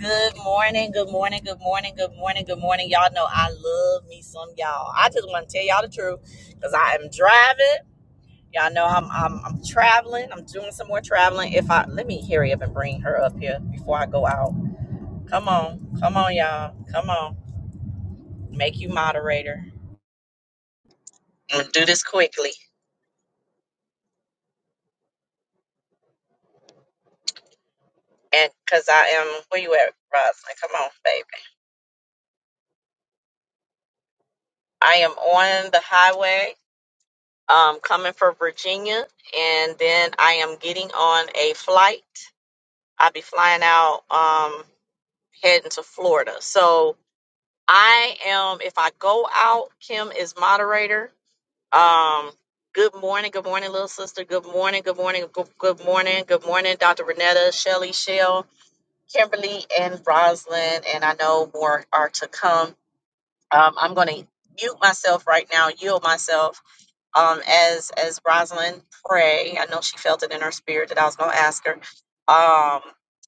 Good morning, good morning, good morning, good morning, good morning. Y'all know I love me some y'all. I just want to tell y'all the truth because I am driving. Y'all know I'm, I'm I'm traveling. I'm doing some more traveling. If I let me hurry up and bring her up here before I go out. Come on, come on, y'all. Come on. Make you moderator. I'm gonna do this quickly. And cause I am where you at, Roslyn? Come on, baby. I am on the highway, um, coming for Virginia, and then I am getting on a flight I'll be flying out, um, heading to Florida. So I am, if I go out, Kim is moderator. Um, good morning, good morning, little sister. Good morning, good morning, good, good morning, good morning, Dr. Renetta, Shelly, Shell, Kimberly, and Roslyn. And I know more are to come. Um, I'm going to mute myself right now, yield myself um, as as Rosalind pray. I know she felt it in her spirit that I was going to ask her, um,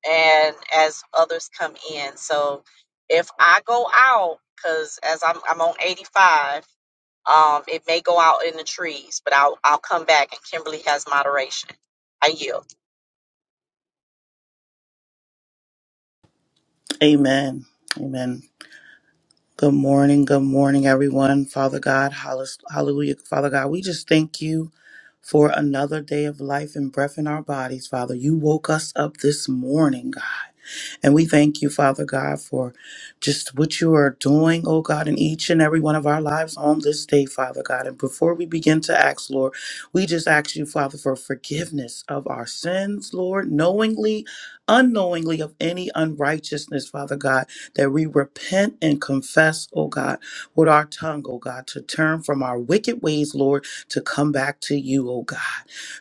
and as others come in. So if I go out, because as I'm I'm on 85, um, it may go out in the trees, but I'll I'll come back, and Kimberly has moderation. I yield. Amen. Amen. Good morning. Good morning, everyone. Father God, hall- hallelujah. Father God, we just thank you for another day of life and breath in our bodies, Father. You woke us up this morning, God. And we thank you, Father God, for just what you are doing, oh God, in each and every one of our lives on this day, Father God. And before we begin to ask, Lord, we just ask you, Father, for forgiveness of our sins, Lord, knowingly, unknowingly, of any unrighteousness, Father God that we repent and confess, oh God, with our tongue, oh God, to turn from our wicked ways, Lord, to come back to you, oh God.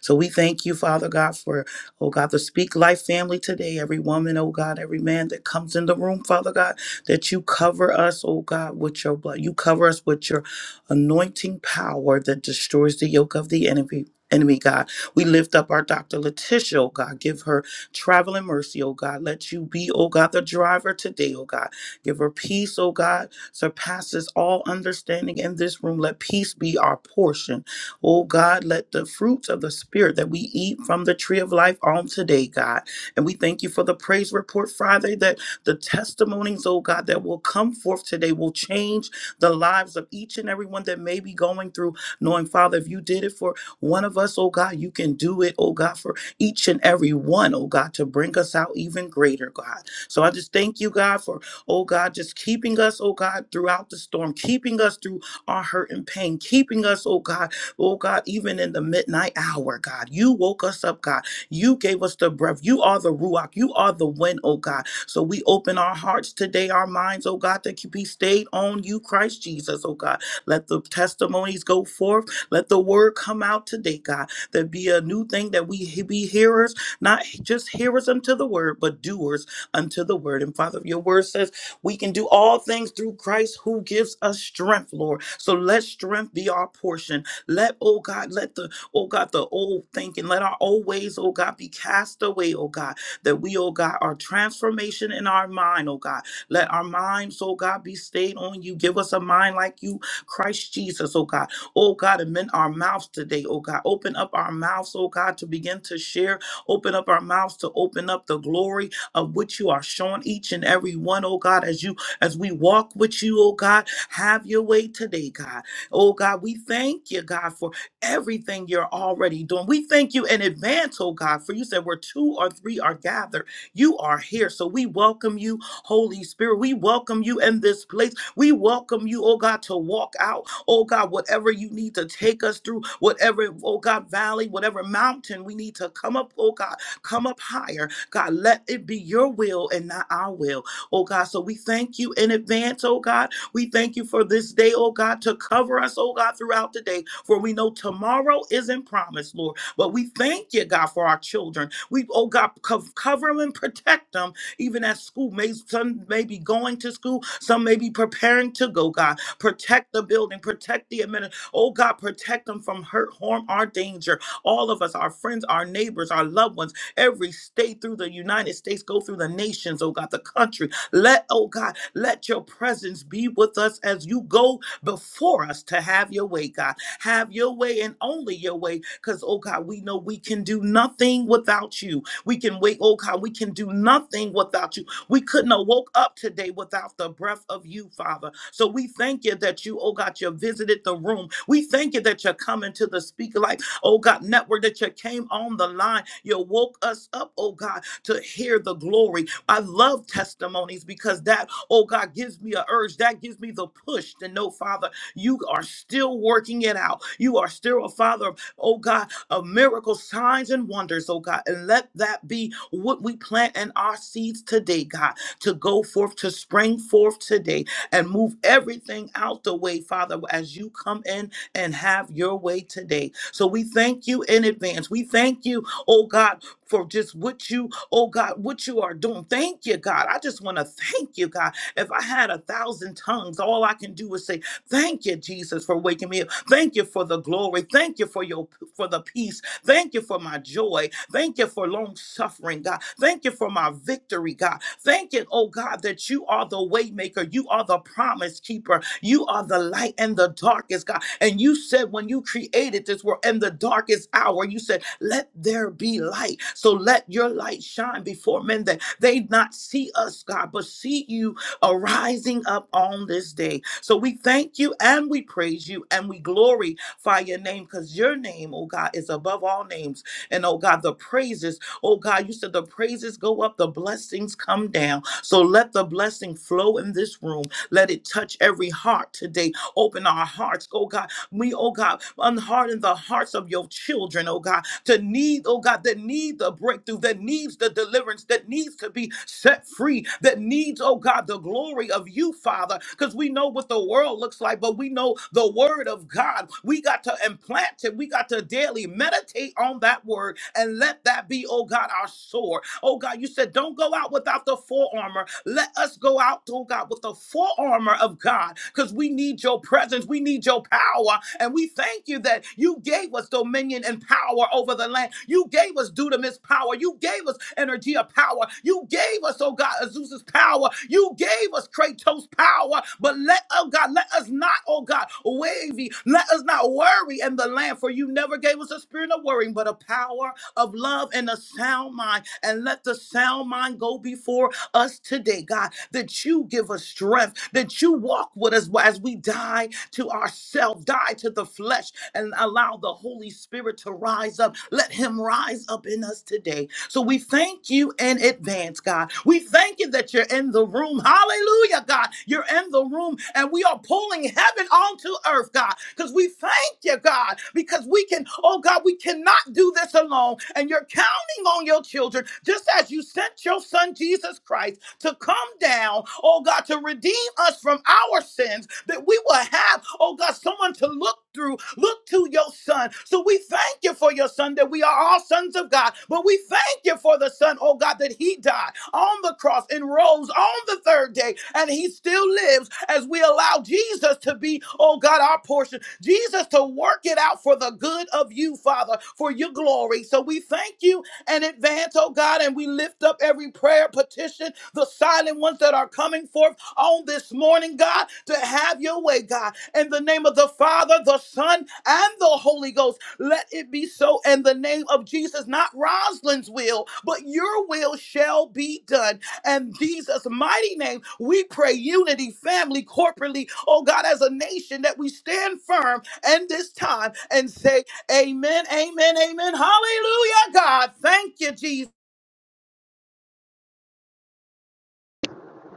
So we thank you, Father God, for, oh God, the Speak Life family today, every woman, oh God, every man that comes in the room, Father God, that you cover us, oh God, with your blood. You cover us with your anointing power that destroys the yoke of the enemy. Enemy, God. We lift up our Dr. Letitia, oh God. Give her Travel in mercy, oh God. Let you be, oh God, the driver today, oh God. Give her peace, oh God, surpasses all understanding in this room. Let peace be our portion. Oh God, let the fruits of the Spirit that we eat from the tree of life on today, God. And we thank you for the praise report Friday that the testimonies, oh God, that will come forth today will change the lives of each and everyone that may be going through, knowing, Father, if you did it for one of us, oh God, you can do it, oh God, for each and every one, oh God, to bring us out even greater, God. So I just thank you, God, for, oh God, just keeping us, oh God, throughout the storm, keeping us through our hurt and pain, keeping us, oh God, oh God, even in the midnight hour, God. You woke us up, God. You gave us the breath. You are the Ruach. You are the wind, oh God. So we open our hearts today, our minds, oh God, that can be stayed on you, Christ Jesus, oh God. Let the testimonies go forth. Let the word come out today, God. There be a new thing that we be hearers, not just hearers unto the word, but doers unto the word. And Father, your word says we can do all things through Christ who gives us strength, Lord. So let strength be our portion. Let, oh God, let the, oh God, the old thinking, let our old ways, oh God, be cast away, oh God, that we, oh God, our transformation in our mind, oh God. Let our minds, oh God, be stayed on you. Give us a mind like you, Christ Jesus, oh God. Oh God, amend our mouths today, oh God. Open up our mouths, oh God, to begin to share. Open up our mouths to open up the glory of which you are showing each and every one, oh God, as you as we walk with you, oh God. Have your way today, God. Oh God, we thank you, God, for everything you're already doing. We thank you in advance, oh God, for you said where two or three are gathered, you are here. So we welcome you, Holy Spirit. We welcome you in this place. We welcome you, oh God, to walk out. Oh God, whatever you need to take us through, whatever, oh God, valley, whatever mountain we need to come up, oh God, come up higher. God, let it be your will and not our will. Oh God, so we thank you in advance, oh God. We thank you for this day, oh God, to cover us, oh God, throughout the day. For we know tomorrow isn't promised, Lord. But we thank you, God, for our children. We, oh God, co- cover them and protect them even at school. May some may be going to school, some may be preparing to go, God. Protect the building, protect the admin. Oh God, protect them from hurt, harm, or danger. All of us, our friends, our neighbors, our loved ones, every state through the United States, go through the nations, oh God, the country. Let, oh God, let your presence be with us as you go before us to have your way, God. Have your way and only your way, because, oh God, we know we can do nothing without you. We can wait, oh God, we can do nothing without you. We couldn't have woke up today without the breath of you, Father. So we thank you that you, oh God, you visited the room. We thank you that you're coming to the speaker like, oh God, network, that you came on the line. You woke us up, oh God, to hear the glory. I love testimonies because that, oh God, gives me a urge. That gives me the push to know, Father, you are still working it out. You are still a Father, oh God of miracles, signs, and wonders, oh God. And let that be what we plant in our seeds today, God, to go forth, to spring forth today and move everything out the way, Father, as you come in and have your way today. So we thank you in advance. We thank you, oh God, for just what you, oh God, what you are doing. Thank you, God. I just want to thank you, God. If I had a thousand tongues, all I can do is say, Thank you, Jesus, for waking me up. Thank you for the glory. Thank you for your for the peace. Thank you for my joy. Thank you for long suffering, God. Thank you for my victory, God. Thank you, oh God, that you are the way maker. You are the promise keeper. You are the light in the darkest, God. And you said when you created this world in the darkest hour, you said, let there be light. So let your light shine before men that they not see us, God, but see you arising up on this day. So we thank you and we praise you and we glory magnify your name because your name, oh God, is above all names. And oh God, the praises, oh God, you said the praises go up, the blessings come down. So let the blessing flow in this room. Let it touch every heart today. Open our hearts, oh God we, oh God, unharden the hearts of your children, oh God, to need, oh God, that need the breakthrough, that needs the deliverance, that needs to be set free, that needs, oh God, the glory of you, Father, because we know what the world looks like, but we know the word of God. We got to implant it. We got to daily meditate on that word and let that be, oh God, our sword. Oh God, you said, don't go out without the full armor. Let us us go out, oh God, with the full armor of God because we need your presence. We need your power. And we thank you that you gave us dominion and power over the land. You gave us dunamis power. You gave us energy of power. You gave us, oh God, Azusa's power. You gave us Kratos power. But let, oh God, let us not, oh God, wavy. Let us not worry in the land, for you never gave us a spirit of worrying, but a power of love and a sound mind. And let the sound mind go before us today, God, that you give us strength, that you walk with us as we die to ourselves, die to the flesh, and allow the Holy Spirit to rise up. Let him rise up in us today. So we thank you in advance, God. We thank you that you're in the room. Hallelujah, God. You're in the room, and we are pulling heaven onto earth, God, because we thank you, God, because we can, oh God, we cannot do this alone. And you're counting loving on your children, just as you sent your son Jesus Christ to come down, oh God, to redeem us from our sins, that we will have, oh God, someone to look through, look to your son. So we thank you for your son, that we are all sons of God, but we thank you for the son, oh God, that he died on the cross and rose on the third day, and he still lives as we allow Jesus to be, oh God, our portion, Jesus to work it out for the good of you, Father, for your glory. So we thank you and advance, oh God. And we lift up every prayer, petition, the silent ones that are coming forth on this morning, God, to have your way, God. In the name of the Father, the Son, and the Holy Ghost, let it be so in the name of Jesus, not Rosalind's will, but your will shall be done. And Jesus' mighty name, we pray unity, family, corporately, oh God, as a nation, that we stand firm in this time and say, Amen. Amen. Amen. Hallelujah, God. Thank you, Jesus.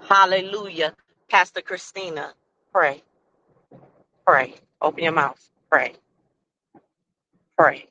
Hallelujah, Pastor Christina, pray, pray, open your mouth, pray, pray.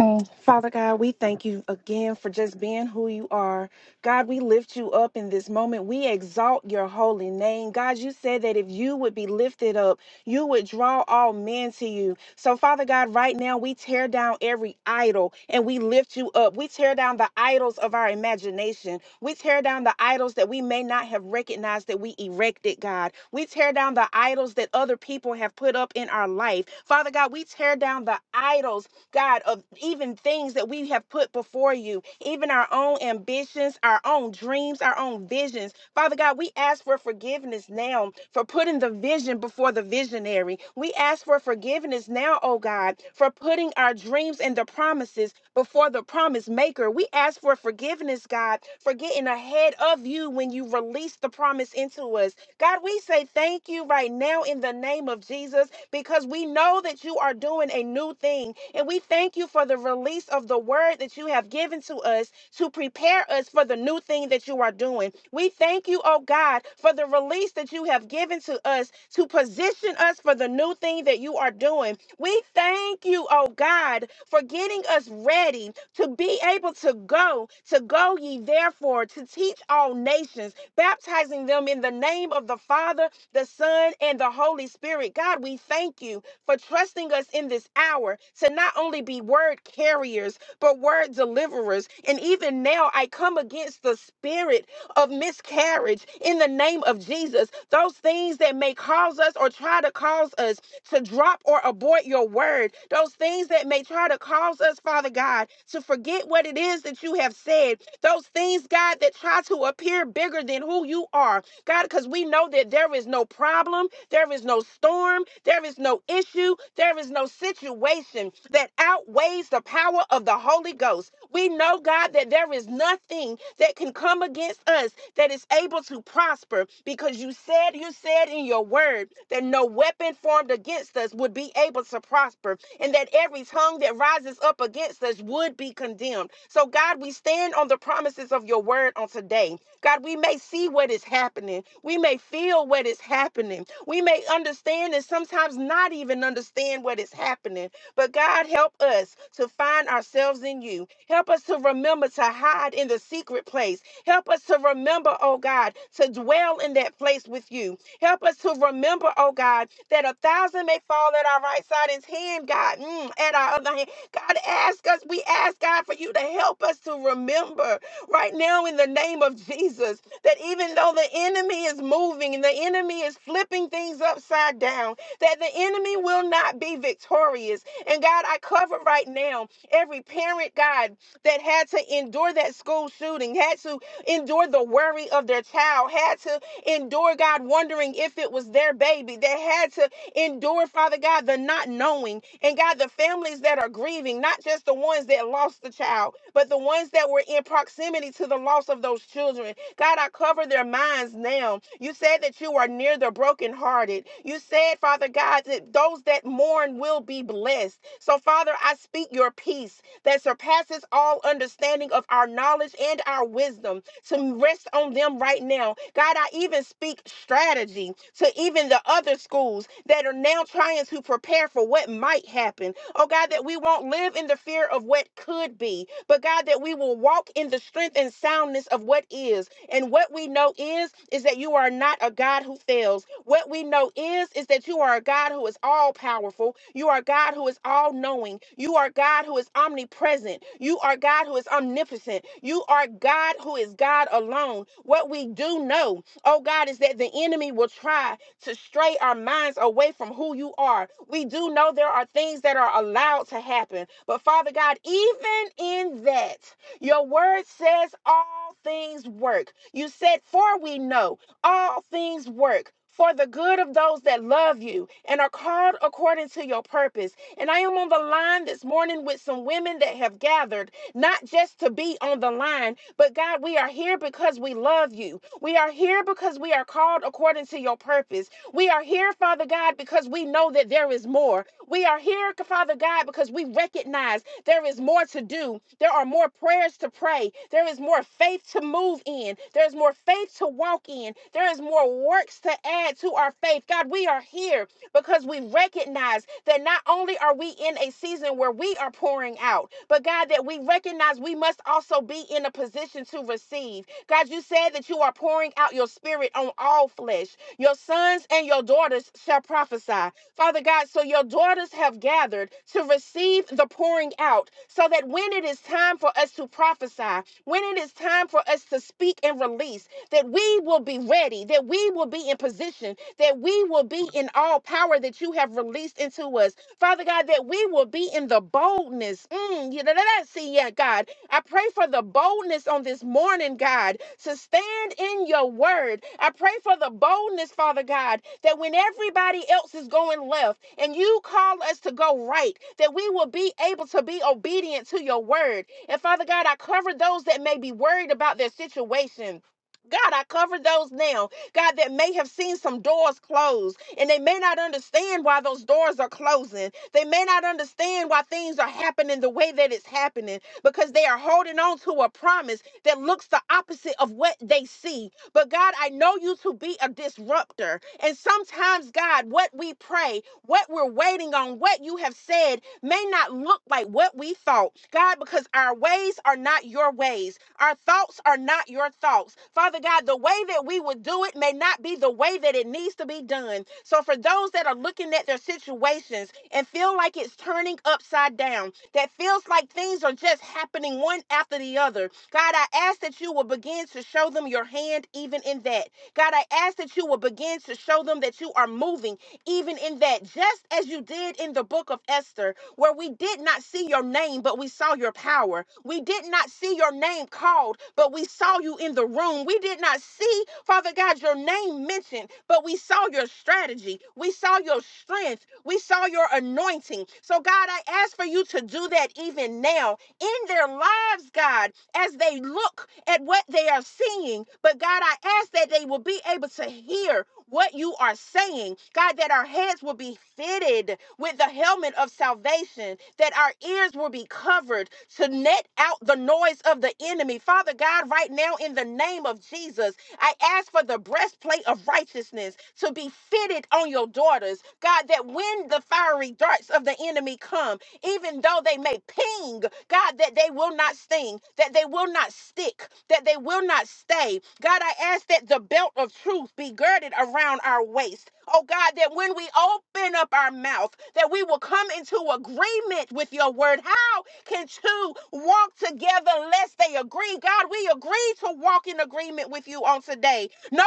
Mm. Father God, we thank you again for just being who you are. God, we lift you up in this moment. We exalt your holy name. God, you said that if you would be lifted up, you would draw all men to you. So, Father God, right now we tear down every idol and we lift you up. We tear down the idols of our imagination. We tear down the idols that we may not have recognized that we erected, God. We tear down the idols that other people have put up in our life. Father God, we tear down the idols God, of even things that we have put before you, even our own ambitions, our own dreams, our own visions. Father God, we ask for forgiveness now for putting the vision before the visionary. We ask for forgiveness now, oh God, for putting our dreams and the promises before the promise maker. We ask for forgiveness, God, for getting ahead of you when you release the promise into us. God, we say thank you right now in the name of Jesus because we know that you are doing a new thing. And we thank you for the release of the word that you have given to us to prepare us for the new thing that you are doing. We thank you, oh God, for the release that you have given to us to position us for the new thing that you are doing. We thank you, oh God, for getting us ready to be able to go, to go ye therefore, to teach all nations, baptizing them in the name of the Father the Son, and the Holy Spirit. God, we thank you for trusting us in this hour to not only be word carriers, but word deliverers. And even now, I come against the spirit of miscarriage in the name of Jesus. Those things that may cause us or try to cause us to drop or abort your word, those things that may try to cause us, Father God, to forget what it is that you have said, those things, God, that try to appear bigger than who you are. God, because we know that there is no problem, there is no storm, there is no issue, there is no situation that outweighs the power of the Holy Ghost. We know, God, that there is nothing that can come against us that is able to prosper because you said, you said in your word that no weapon formed against us would be able to prosper and that every tongue that rises up against us would be condemned. So, God, we stand on the promises of your word on today. God, we may see what is happening. We may feel what is happening. We may understand and sometimes not even understand what is happening. But God, help us to find ourselves in you. Help us to remember to hide in the secret place. Help us to remember, oh God, to dwell in that place with you. Help us to remember, oh God, that a thousand may fall at our right side, and hand, God, mm, at our other hand. God, ask us, we ask God for you to help us to remember right now in the name of Jesus. That even though the enemy is moving and the enemy is flipping things upside down, that the enemy will not be victorious. And God, I cover right now every parent, God, that had to endure that school shooting, had to endure the worry of their child, had to endure, God, wondering if it was their baby, that had to. Endure, Father God, the not knowing. And God, the families that are grieving, not just the ones that lost the child, but the ones that were in proximity to the loss of those children. God, I cover their minds now. You said that you are near the brokenhearted. You said, Father God, that those that mourn will be blessed. So, Father, I speak your peace that surpasses all understanding of our knowledge and our wisdom to rest on them right now. God, I even speak strategy to even the other schools that are now trying to prepare for what might happen. Oh God, that we won't live in the fear of what could be, but God, that we will walk in the strength and soundness of what is. And what we know is, is that you are not a God who fails. What we know is, is that you are a God who is all powerful. You are a God who is all knowing. You are a God who is omnipresent. You are a God who is omnipotent. You are a God who is God alone. What we do know, oh God, is that the enemy will try to stray our minds away from who you are. We do know there are things that are allowed to happen. But Father God, even in that, your word says all things work. You said, For we know all things work. For the good of those that love you and are called according to your purpose. And I am on the line this morning with some women that have gathered, not just to be on the line, but God, we are here because we love you. We are here because we are called according to your purpose. We are here, Father God, because we know that there is more. We are here, Father God, because we recognize there is more to do. There are more prayers to pray. There is more faith to move in. There is more faith to walk in. There is more works to add to our faith. God, we are here because we recognize that not only are we in a season where we are pouring out, but God, that we recognize we must also be in a position to receive. God, you said that you are pouring out your spirit on all flesh. Your sons and your daughters shall prophesy. Father God, so your daughters have gathered to receive the pouring out so that when it is time for us to prophesy, when it is time for us to speak and release, that we will be ready, that we will be in position, that we will be in all power that you have released into us. Father God, that we will be in the boldness. Mm, you know, that I see, yeah, God, I pray for the boldness on this morning, God, to stand in your word. I pray for the boldness, Father God, that when everybody else is going left and you call us to go right, that we will be able to be obedient to your word. And Father God, I cover those that may be worried about their situation. God, I cover those now, God, that may have seen some doors closed and they may not understand why those doors are closing. They may not understand why things are happening the way that it's happening because they are holding on to a promise that looks the opposite of what they see but God, I know you to be a disruptor. And sometimes, God, what we pray, what we're waiting on, what you have said may not look like what we thought. God, because our ways are not your ways, our thoughts are not your thoughts. Father God, the way that we would do it may not be the way that it needs to be done. So, for those that are looking at their situations and feel like it's turning upside down, that feels like things are just happening one after the other, God, I ask that you will begin to show them your hand even in that. God, I ask that you will begin to show them that you are moving even in that, just as you did in the book of Esther, where we did not see your name, but we saw your power. We did not see your name called, but we saw you in the room. We did not see, Father God, your name mentioned, but we saw your strategy. We saw your strength. We saw your anointing. So, God, I ask for you to do that even now in their lives, God, as they look at what they are seeing. But God, I ask that they will be able to hear what you are saying. God, that our heads will be fitted with the helmet of salvation, that our ears will be covered to net out the noise of the enemy. Father God, right now, in the name of Jesus, I ask for the breastplate of righteousness to be fitted on your daughters. God, that when the fiery darts of the enemy come, even though they may ping, God, that they will not sting, that they will not stick, that they will not stay. God, I ask that the belt of truth be girded around our waist. Oh God, that when we open up our mouth, that we will come into agreement with your word. How can two walk together lest they agree? God, we agree to walk in agreement with you on today no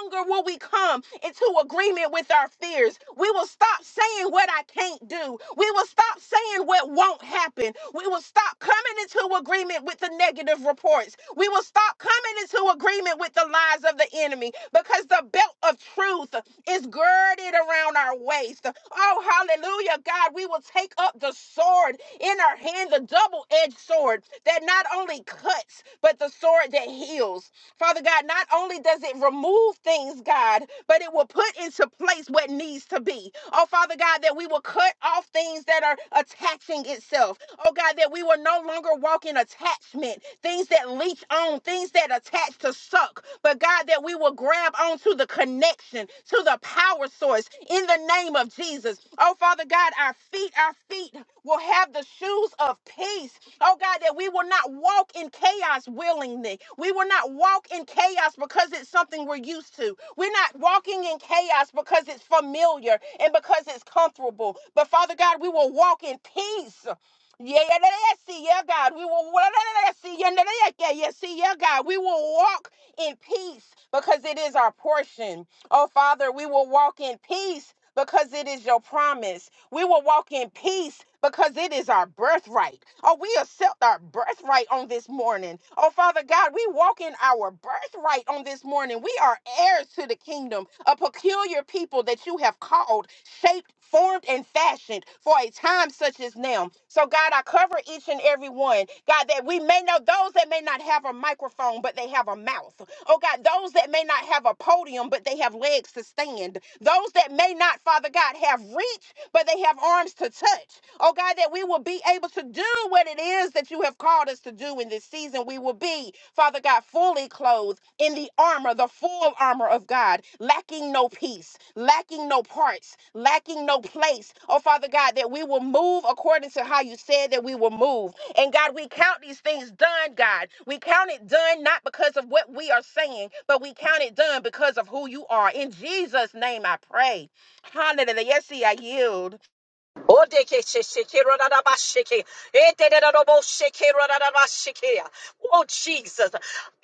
longer will we come into agreement with our fears. We will stop saying what I can't do. We will stop saying what won't happen. We will stop coming into agreement with the negative reports. We will stop coming into agreement with the lies of the enemy because the belt of truth is girded around our waist. Oh, hallelujah, God. We will take up the sword in our hand, the double edged sword that not only cuts, but the sword that heals. Father God, not only does it remove things, God, but it will put into place what needs to be. Oh, Father God, that we will cut off things that are attaching itself. Oh, God, that we will no longer walk in attachment, things that leech on, things that attach to suck, but God, that we will grab onto the connection, to the power source in the name of Jesus. Oh, Father God, our feet, our feet will have the shoes of peace Oh God, that we will not walk in chaos willingly. We will not walk in chaos because it's something we're used to. We're not walking in chaos because it's familiar and because it's comfortable. But Father God, we will walk in peace. Yeah, yeah, yeah, yeah, see, yeah, God. We will yeah, yeah, yeah, see, yeah, yeah, yeah, yeah, yeah, see, yeah, God. We will walk in peace because it is our portion. Oh, Father, we will walk in peace because it is your promise. We will walk in peace because it is our birthright. Oh, we accept our birthright on this morning. Oh, Father God, we walk in our birthright on this morning. We are heirs to the kingdom, a peculiar people that you have called, shaped, formed, and fashioned for a time such as now. So, God, I cover each and every one. God, that we may know those that may not have a microphone, but they have a mouth. Oh God, those that may not have a podium, but they have legs to stand. Those that may not, Father God, have reach, but they have arms to touch. Oh God, that we will be able to do what it is that you have called us to do in this season. We will be, Father God, fully clothed in the armor, the full armor of God, lacking no piece, lacking no parts, lacking no place. Oh Father God, that we will move according to how you said that we will move. And God, we count these things done, God. We count it done not because of what we are saying, but we count it done because of who you are. In Jesus' name I pray. Hallelujah. Yes, see, I yield. Odeke sheke rodadabasheke. Etededodobosheke rodadabasheke. Oh, Jesus.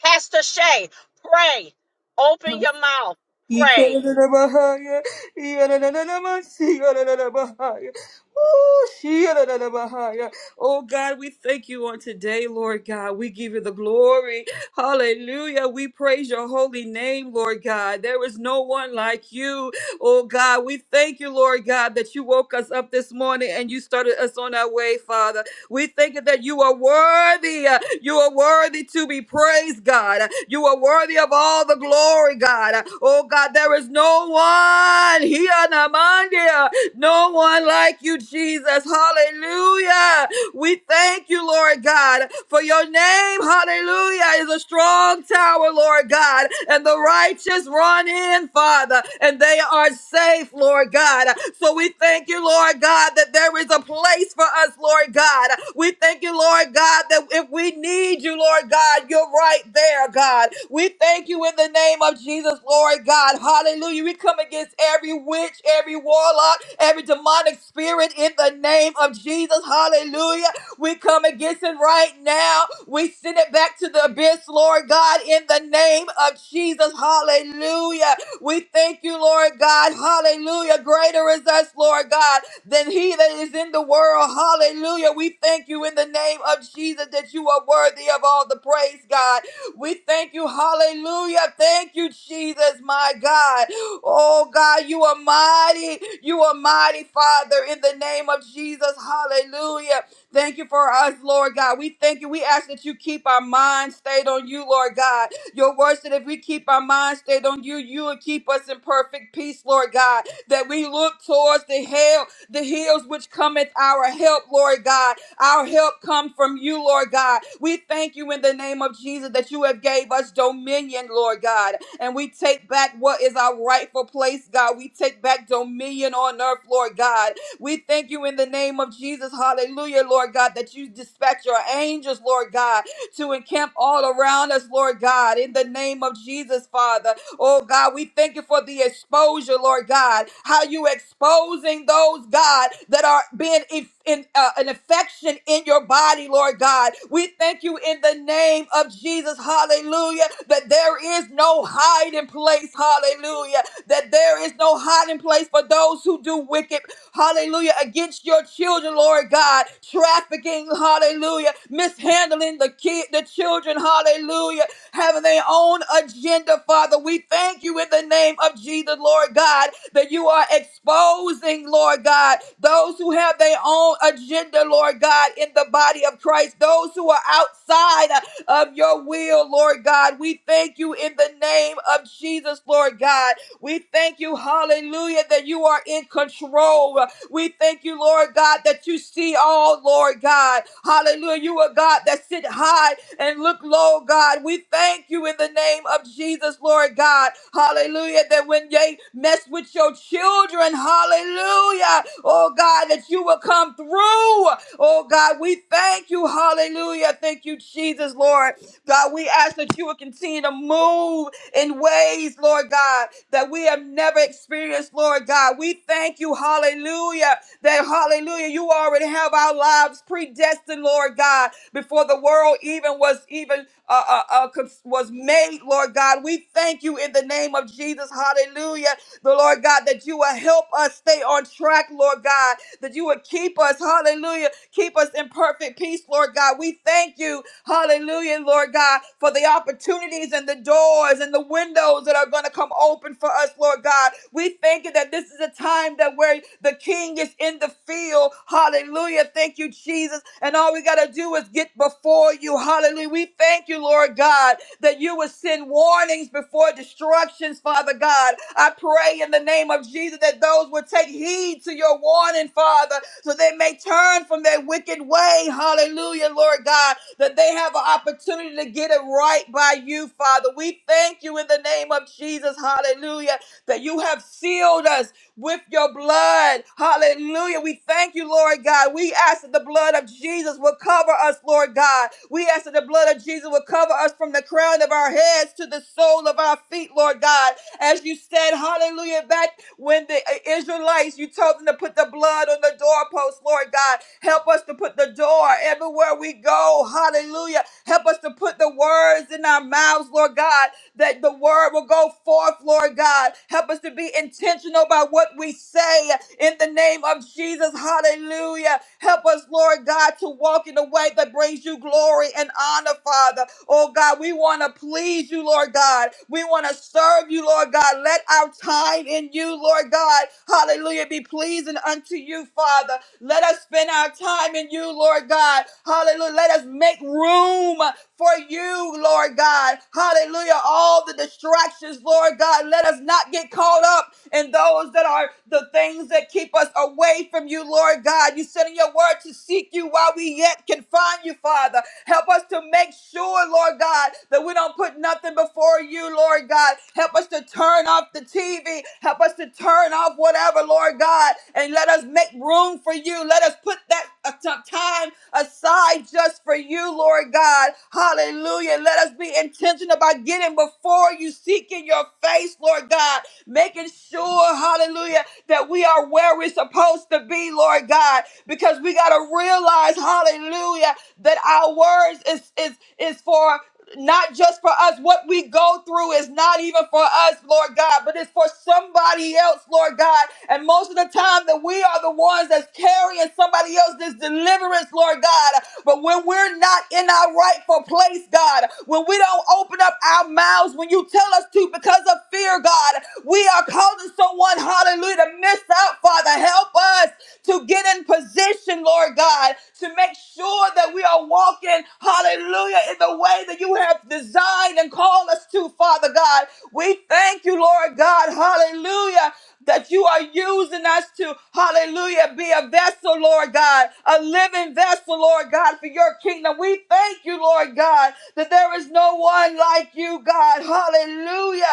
Pastor Shay, pray. Open your mouth. Pray. Ikarararabahaya, iyarararabasi, yarararabahaya. Ooh, shiyarararabahaya. Oh God, we thank you on today, Lord God. We give you the glory. Hallelujah. We praise your holy name, Lord God. There is no one like you. Oh God, we thank you, Lord God, that you woke us up this morning and you started us on our way, Father. We thank you that you are worthy. uh, You are worthy to be praised, God. Uh, You are worthy of all the glory, God. Uh, Oh, God, there is no one here, Namandia. No one like you, Jesus. Hallelujah. We thank you, Lord God, for your name, hallelujah, is a strong tower, Lord God, and the righteous run in, Father, and they are safe, Lord God. So we thank you, Lord God, that there is a place for us, Lord God. God. We thank you, Lord God, that if we need you, Lord God, you're right there, God. We thank you in the name of Jesus, Lord God. Hallelujah. We come against every witch, every warlock, every demonic spirit in the name of Jesus. Hallelujah. We come against it right now. We send it back to the abyss, Lord God, in the name of Jesus. Hallelujah. We thank you, Lord God. Hallelujah. Greater is us, Lord God than he that is in the world. Hallelujah. We thank you in the name of Jesus that you are worthy of all the praise, God. We thank you. Hallelujah. Thank you, Jesus, my God. Oh, God, you are mighty. You are mighty, Father, in the name of Jesus. Hallelujah. Thank you for us, Lord God. We thank you. We ask that you keep our minds stayed on you, Lord God. Your word said if we keep our minds stayed on you, you will keep us in perfect peace, Lord God. That we look towards the hill the hills which cometh our help, Lord God. Our help come from you, Lord God. We thank you in the name of Jesus that you have gave us dominion, Lord God. And we take back what is our rightful place, God. We take back dominion on earth, Lord God. We thank you in the name of Jesus, hallelujah, Lord God, that you dispatch your angels, Lord God, to encamp all around us, Lord God, in the name of Jesus, Father. Oh God, we thank you for the exposure, Lord God. How you exposing those, God, that are being inf- in, uh, an infection in your body, Lord God. We thank you in the name of Jesus, hallelujah, that there is no hiding place, hallelujah, that there is no hiding place for those who do wicked, hallelujah, against your children, Lord God. Trafficking, hallelujah, mishandling the kid, the children, hallelujah having their own agenda, Father. We thank you in the name of Jesus, Lord God, that you are exposing, Lord God, those who have their own agenda, Lord God, in the body of Christ, those who are outside uh, of your will, Lord God. We thank you in the name of Jesus, Lord God. We thank you, hallelujah, that you are in control. We thank you, Lord God, that you see all, Lord God. Hallelujah. You are God that sit high and look low, God. We thank you in the name of Jesus, Lord God. Hallelujah. That when they mess with your children, hallelujah. Oh God, that you will come through. Oh God, we thank you. Hallelujah. Thank you, Jesus, Lord. God, we ask that you will continue to move in ways, Lord God, that we have never experienced, Lord God. We thank you, hallelujah, that hallelujah, you already have our lives predestined, Lord God, before the world even was even uh, uh, uh, cons- was made, Lord God. We thank you in the name of Jesus, hallelujah, the Lord God, that you will help us stay on track, Lord God, that you would keep us, hallelujah Keep us in perfect peace, Lord God. We thank you, hallelujah, Lord God, for the opportunities and the doors and the windows that are going to come open for us, Lord God. We thank you that this is a time that where the king is in the field. Hallelujah. Thank you, Jesus. And all we got to do is get before you. Hallelujah. We thank you, Lord. Lord God, that you would send warnings before destructions, Father God. I pray in the name of Jesus that those would take heed to your warning, Father, so they may turn from their wicked way. Hallelujah, Lord God, that they have an opportunity to get it right by you, Father. We thank you in the name of Jesus. Hallelujah, that you have sealed us with your blood. Hallelujah. We thank you, Lord God. We ask that the blood of Jesus will cover us, Lord God. We ask that the blood of Jesus will cover us from the crown of our heads to the sole of our feet, Lord God. As you said, hallelujah, back when the uh, Israelites, you told them to put the blood on the doorpost, Lord God. Help us to put the door everywhere we go. Hallelujah. Help us to put the words in our mouths, Lord God that the word will go forth, Lord God. Help us to be intentional about what we say in the name of Jesus. Hallelujah. Help us, Lord God, to walk in a way that brings you glory and honor, Father. Oh God, we want to please you, Lord God. We want to serve you, Lord God. Let our time in you, Lord God, hallelujah, be pleasing unto you, Father. Let us spend our time in you, Lord God. Hallelujah. Let us make room for you, Lord God. Hallelujah. All the distractions, Lord God. Let us not get caught up in those that are the things that keep us away from you, Lord God. You said in your word to seek you while we yet can find you, Father. Help us to make sure, Lord God, that we don't put nothing before you, Lord God. Help us to turn off the TV. Help us to turn off whatever, Lord God, and let us make room for you. Let us put that a t- time aside just for you, Lord God. Hallelujah. Let us be intentional about getting before you, seeking your face, Lord God, making sure, hallelujah, that we are where we're supposed to be, Lord God, because we got to realize, hallelujah, that our words is is is for not just for us. What we go through is not even for us, Lord God, but it's for somebody else, Lord God. And most of the time that we are the ones that's carrying somebody else's deliverance, Lord God. But when we're not in our rightful place, God, when we don't open up our mouths when you tell us to because of fear, God, we are calling someone, hallelujah, to miss out, Father. Help us us to get in position, Lord God, to make sure that we are walking, hallelujah, in the way that you have designed and called us to, Father God. We thank you, Lord God, hallelujah, that you are using us to, hallelujah, be a vessel, Lord God, a living vessel, Lord God, for your kingdom. We thank you, Lord God, that there is no one like you, God, hallelujah.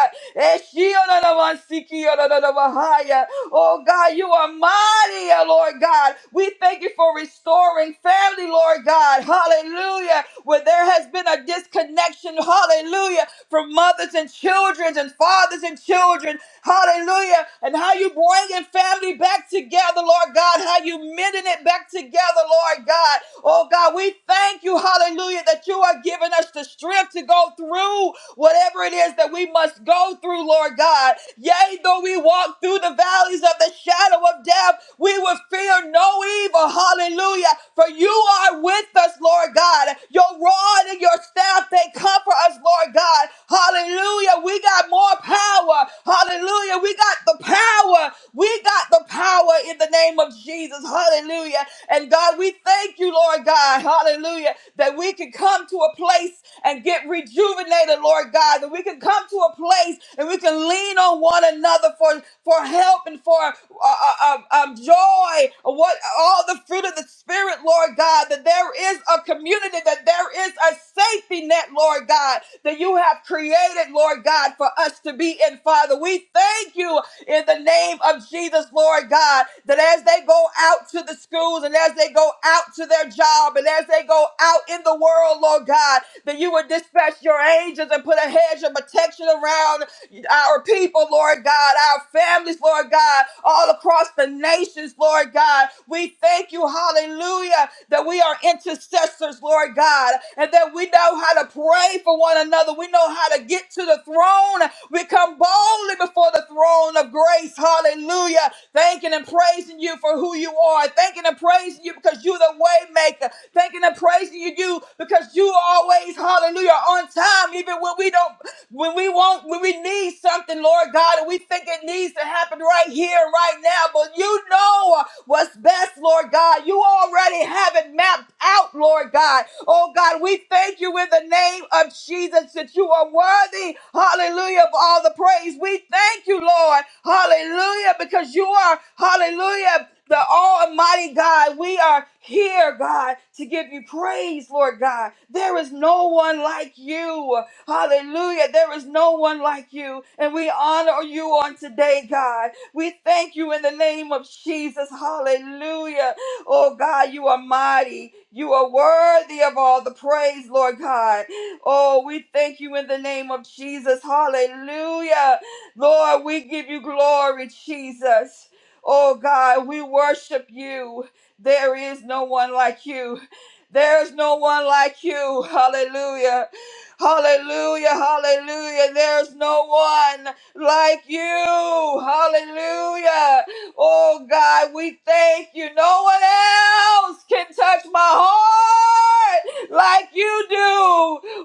Oh God, you are mighty, oh Lord God. We thank you for restoring family, Lord God. Hallelujah. Where there has been a disconnection, hallelujah, from mothers and children and fathers and children. Hallelujah. And how you bringing family back together, Lord God. How you mending it back together, Lord God. Oh God, we thank you, hallelujah, that you are giving us the strength to go through whatever it is that we must go through, Lord God. Yea, though we walk through the valleys of the shadow of death, we will fear no evil, hallelujah, for you are with us, Lord God. Your rod and your staff, they comfort us, Lord God. Hallelujah, we got more power. Hallelujah, we got the power. We got the power in the name of name of Jesus. Hallelujah. And God, we thank you, Lord God. Hallelujah. That we can come to a place and get rejuvenated, Lord God. That we can come to a place and we can lean on one another for, for help and for uh, uh, uh, um, joy. What all the fruit of the Spirit, Lord God. That there is a community. That there is a safety net, Lord God. That you have created, Lord God, for us to be in. Father, we thank you in the name of Jesus, Lord God, that as they go out to the schools and as they go out to their job and as they go out in the world, Lord God, that you would dispatch your angels and put a hedge of protection around our people, Lord God, our families, Lord God, all across the nations, Lord God. We thank you, hallelujah, that we are intercessors, Lord God, and that we know how to pray for one another. We know how to get to the throne. We come boldly before the throne of grace, hallelujah, thanking and praising you for who you are, thanking and praising you because you're the way maker, thanking and praising you, you because you are always, hallelujah, on time, even when we don't, when we want, when we need something, Lord God, and we think it needs to happen right here, and right now, but you know what's best, Lord God. You already have it out, out, Lord God. Oh God, we thank you in the name of Jesus that you are worthy, hallelujah, of all the praise. We thank you, Lord, hallelujah, because you are, hallelujah, the Almighty God. We are here, God, to give you praise, Lord God. There is no one like you. Hallelujah. There is no one like you. And we honor you on today, God. We thank you in the name of Jesus. Hallelujah. Oh God, you are mighty. You are worthy of all the praise, Lord God. Oh, we thank you in the name of Jesus. Hallelujah. Lord, we give you glory, Jesus. Oh God, we worship you. There is no one like you. There's no one like you. Hallelujah. Hallelujah. Hallelujah. There's no one like you. Hallelujah. Oh God, we thank you. No one else can touch my heart like you do.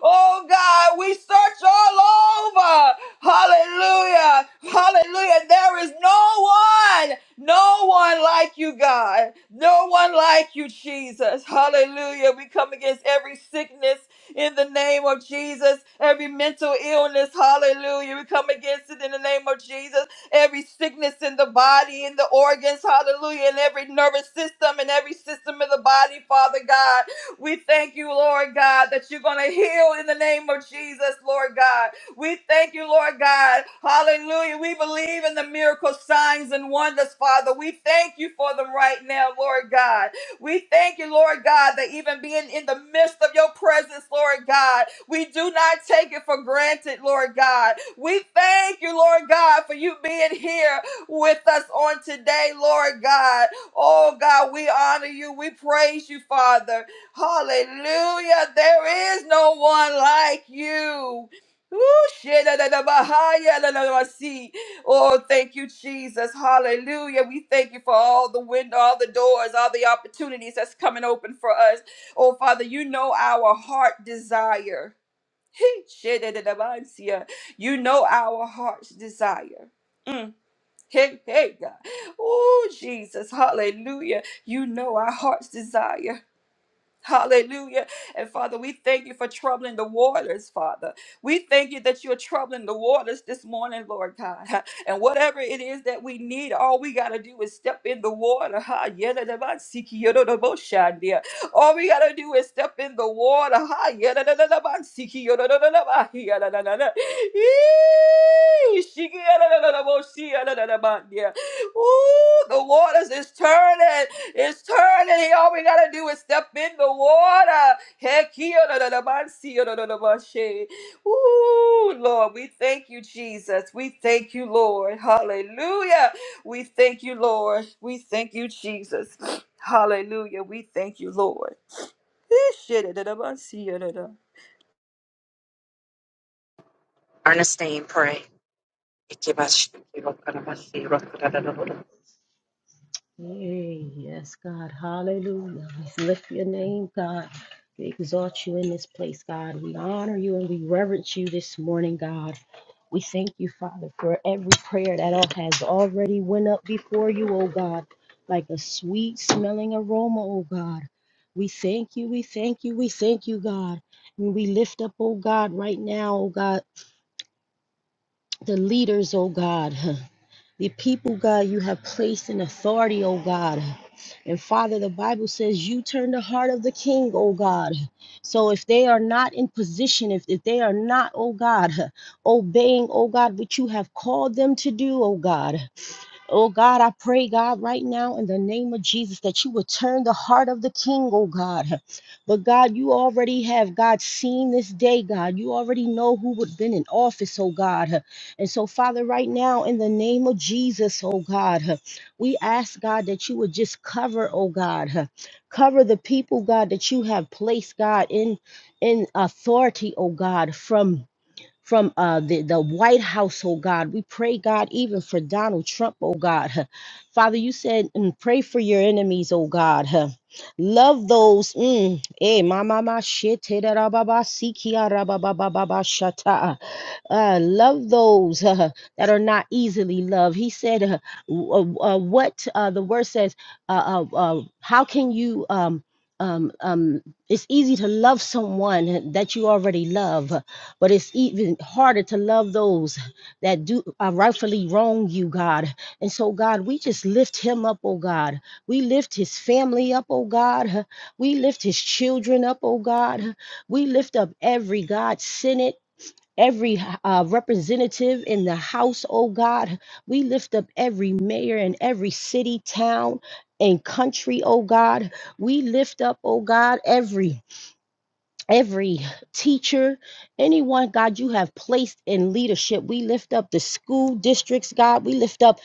Oh God, we search all over. Hallelujah. Hallelujah. There is no one, no one like you, God. No one like you, Jesus. Hallelujah. We come against every sickness in the name of Jesus, every mental illness. Hallelujah. We come against it in the name of Jesus every sickness in the body, in the organs, hallelujah, and every nervous system and every system in the body, Father God. We thank you, Lord God, that you're going to heal in the name of Jesus, Lord God. We thank you, Lord God. Hallelujah. We believe in the miracle signs and wonders, Father. We thank you for them right now, Lord God. We thank you, Lord God, that even being in the midst of your presence, Lord God, we do not take it for granted, Lord God. We thank you, Lord God, for you being here with us on today, Lord God. Oh God, we honor you. We praise you, Father. Hallelujah. There is no one like you. Woo, shit, da, da, da, bah, hi, ya, da, da, da, bah, see. Oh, thank you, Jesus. Hallelujah. We thank you for all the window, all the doors, all the opportunities that's coming open for us. Oh, Father, you know our heart desire. Hey, shit, da, da, da, ba, sia. You know our heart's desire. Mm. Hey, hey, God. Oh, Jesus. Hallelujah. You know our heart's desire. Hallelujah. And Father, we thank you for troubling the waters, Father. We thank you that you're troubling the waters this morning, Lord God. And whatever it is that we need, all we got to do is step in the water. Ha, yada da ba, siki, yada da bo, shandia. All we got to do is step in the water. Ha, yada da da da ba, siki, yada da da da ba, yada da da da. Eee, shiki, yada da da da bo, shi, yada da da ba, yeah. Ooh, the waters is turning. It's turning. All we gotta do is step in the water. Heck, here, da, da, da, bun, see, da, da, da, bun, shake. Ooh, Lord, we thank you, Jesus. We thank you, Lord. Hallelujah. We thank you, Lord. We thank you, Jesus. Hallelujah. We thank you, Lord. Ish, da, da, da, bun, see, da, da. Ernestine, pray. Amen. Hey, yes, God. Hallelujah. We lift your name, God. We exalt you in this place, God. We honor you and we reverence you this morning, God. We thank you, Father, for every prayer that all has already went up before you, oh God, like a sweet smelling aroma, oh God. We thank you, we thank you, we thank you, God. And we lift up, oh God, right now, oh God, the leaders, oh God. the people, God, you have placed in authority, oh God. And Father, the Bible says you turn the heart of the king, oh God. So if they are not in position, if, if they are not, oh God, obeying, oh God, what you have called them to do, oh God, Oh God, I pray, God, right now in the name of Jesus that you would turn the heart of the king, oh God. But God, you already have, God, seen this day, God. You already know who would have been in office, oh God. And so, Father, right now in the name of Jesus, oh God, we ask, God, that you would just cover, oh God, cover the people, God, that you have placed, God, in in authority, oh God, from from uh, the, the White House, oh God. We pray, God, even for Donald Trump, oh God. Father, you said, mm, pray for your enemies, oh God. Love those. Mm, eh, mama, ma, ma, shit, eh, da, da, ba, ba, si, ki, ah, ra, ba, ba, ba, ba, ba, shata. Uh, love those uh, that are not easily loved. He said, uh, w- uh, uh, What uh, the word says, uh, uh, uh, how can you? Um, um, um, it's easy to love someone that you already love, but it's even harder to love those that do uh, rightfully wrong you, God. And so, God, we just lift him up, oh God. We lift his family up, oh God. We lift his children up, oh God. We lift up every God, Senate every uh, representative in the house, oh God. We lift up every mayor in every city, town, and country, oh God. We lift up, oh God, every every teacher, anyone, God, you have placed in leadership. We lift up the school districts, God. We lift up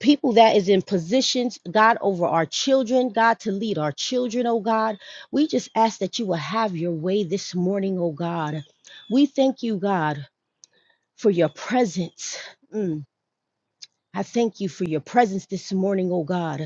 people that is in positions, God, over our children, God, to lead our children, oh God. We just ask that you will have your way this morning, oh God. We thank you, God for your presence. Mm. I thank you for your presence this morning, oh God.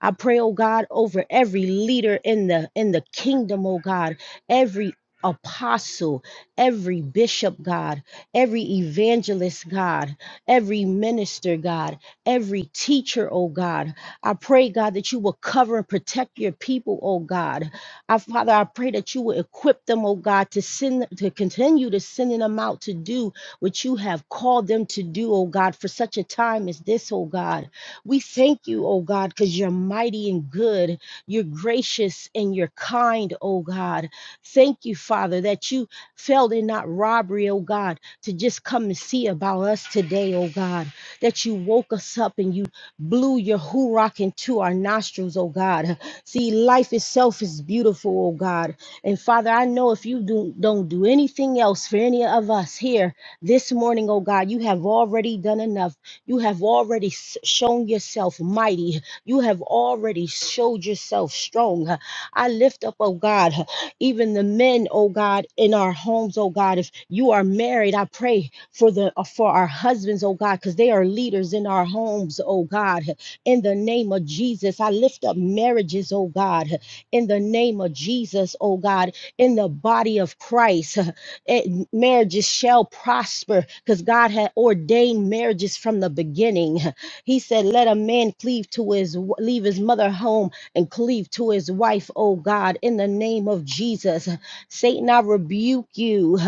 I pray, oh God, over every leader in the in the kingdom, oh God, every apostle, every bishop, God, every evangelist, God, every minister, God, every teacher, oh God. I pray, God, that you will cover and protect your people, oh God. I, Father, I pray that you will equip them, oh God, to send to continue to sending them out to do what you have called them to do, oh God, for such a time as this, oh God. We thank you, oh God, because you're mighty and good. You're gracious and you're kind, oh God. Thank you, Father, that you fell in not robbery, oh God, to just come and see about us today, oh God. That you woke us up and you blew your hoorah into our nostrils, oh God. See, life itself is beautiful, oh God. And Father, I know if you do, don't do anything else for any of us here this morning, oh God, you have already done enough. You have already s- shown yourself mighty. You have already showed yourself strong. I lift up, oh God, even the men, oh God, in our homes, oh God. If you are married, I pray for the uh, for our husbands, oh God, because they are leaders in our homes, oh God. In the name of Jesus, I lift up marriages, oh God. In the name of Jesus, oh God, in the body of Christ it, marriages shall prosper because God had ordained marriages from the beginning. He said, "Let a man cleave to his w- leave his mother home and cleave to his wife." Oh God, in the name of Jesus, Satan, I rebuke you.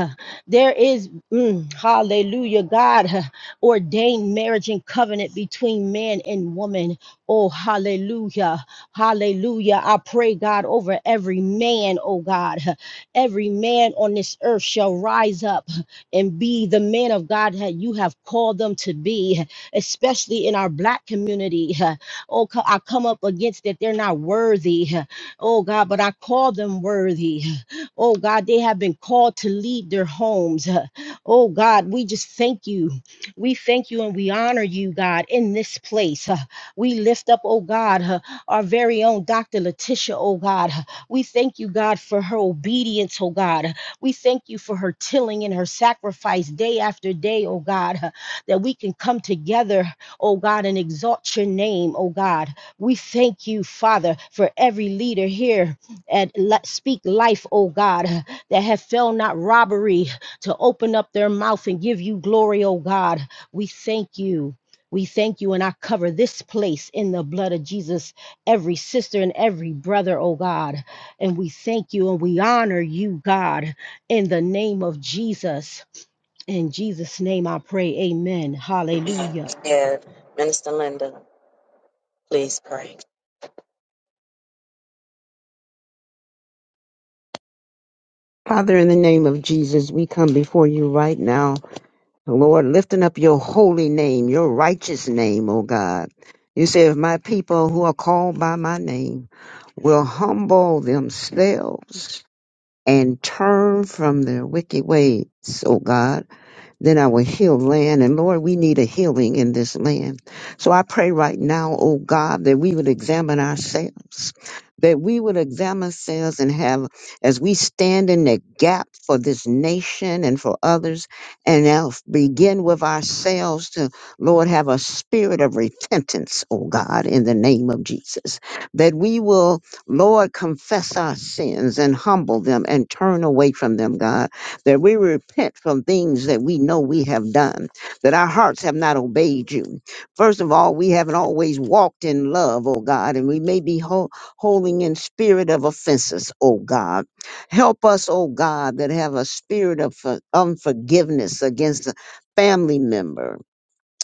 There is mm, Hallelujah, God ordained marriage and covenant between man and woman. Oh Hallelujah, Hallelujah! I pray God over every man, oh God. Every man on this earth shall rise up and be the man of God that you have called them to be, especially in our black community. Oh, co- I come up against that they're not worthy. Oh, God, but I call them worthy. Oh, God, they have been called to lead their homes. Oh, God, we just thank you. We thank you and we honor you, God, in this place. We lift up, oh, God, our very own Dr. Letitia, oh, God. We thank you, God, for her obedience, oh God. We thank you for her tilling and her sacrifice day after day, oh God, that we can come together, oh God, and exalt your name, oh God. We thank you, Father, for every leader here at Let Speak Life, oh God, that have felt not robbery to open up their mouth and give you glory, oh God. We thank you. We thank you, and I cover this place in the blood of Jesus, every sister and every brother, oh God. And we thank you and we honor you, God, in the name of Jesus. In Jesus' name I pray, amen. Hallelujah. Amen. Minister Linda, please pray. Father, in the name of Jesus, we come before you right now. Lord, lifting up your holy name, your righteous name, O God. You say, if my people who are called by my name will humble themselves and turn from their wicked ways, O God, then our healed land. And Lord, we need a healing in this land. So I pray right now, oh God, that we would examine ourselves, that we would examine ourselves and have, as we stand in the gap for this nation and for others, and now begin with ourselves to, Lord, have a spirit of repentance, oh God, in the name of Jesus, that we will, Lord, confess our sins and humble them and turn away from them, God that we repent from things that we know we have done, that our hearts have not obeyed you. First of all, we haven't always walked in love, O God, and we may be ho- holding in spirit of offenses, O God. Help us, O God, that have a spirit of for- unforgiveness against a family member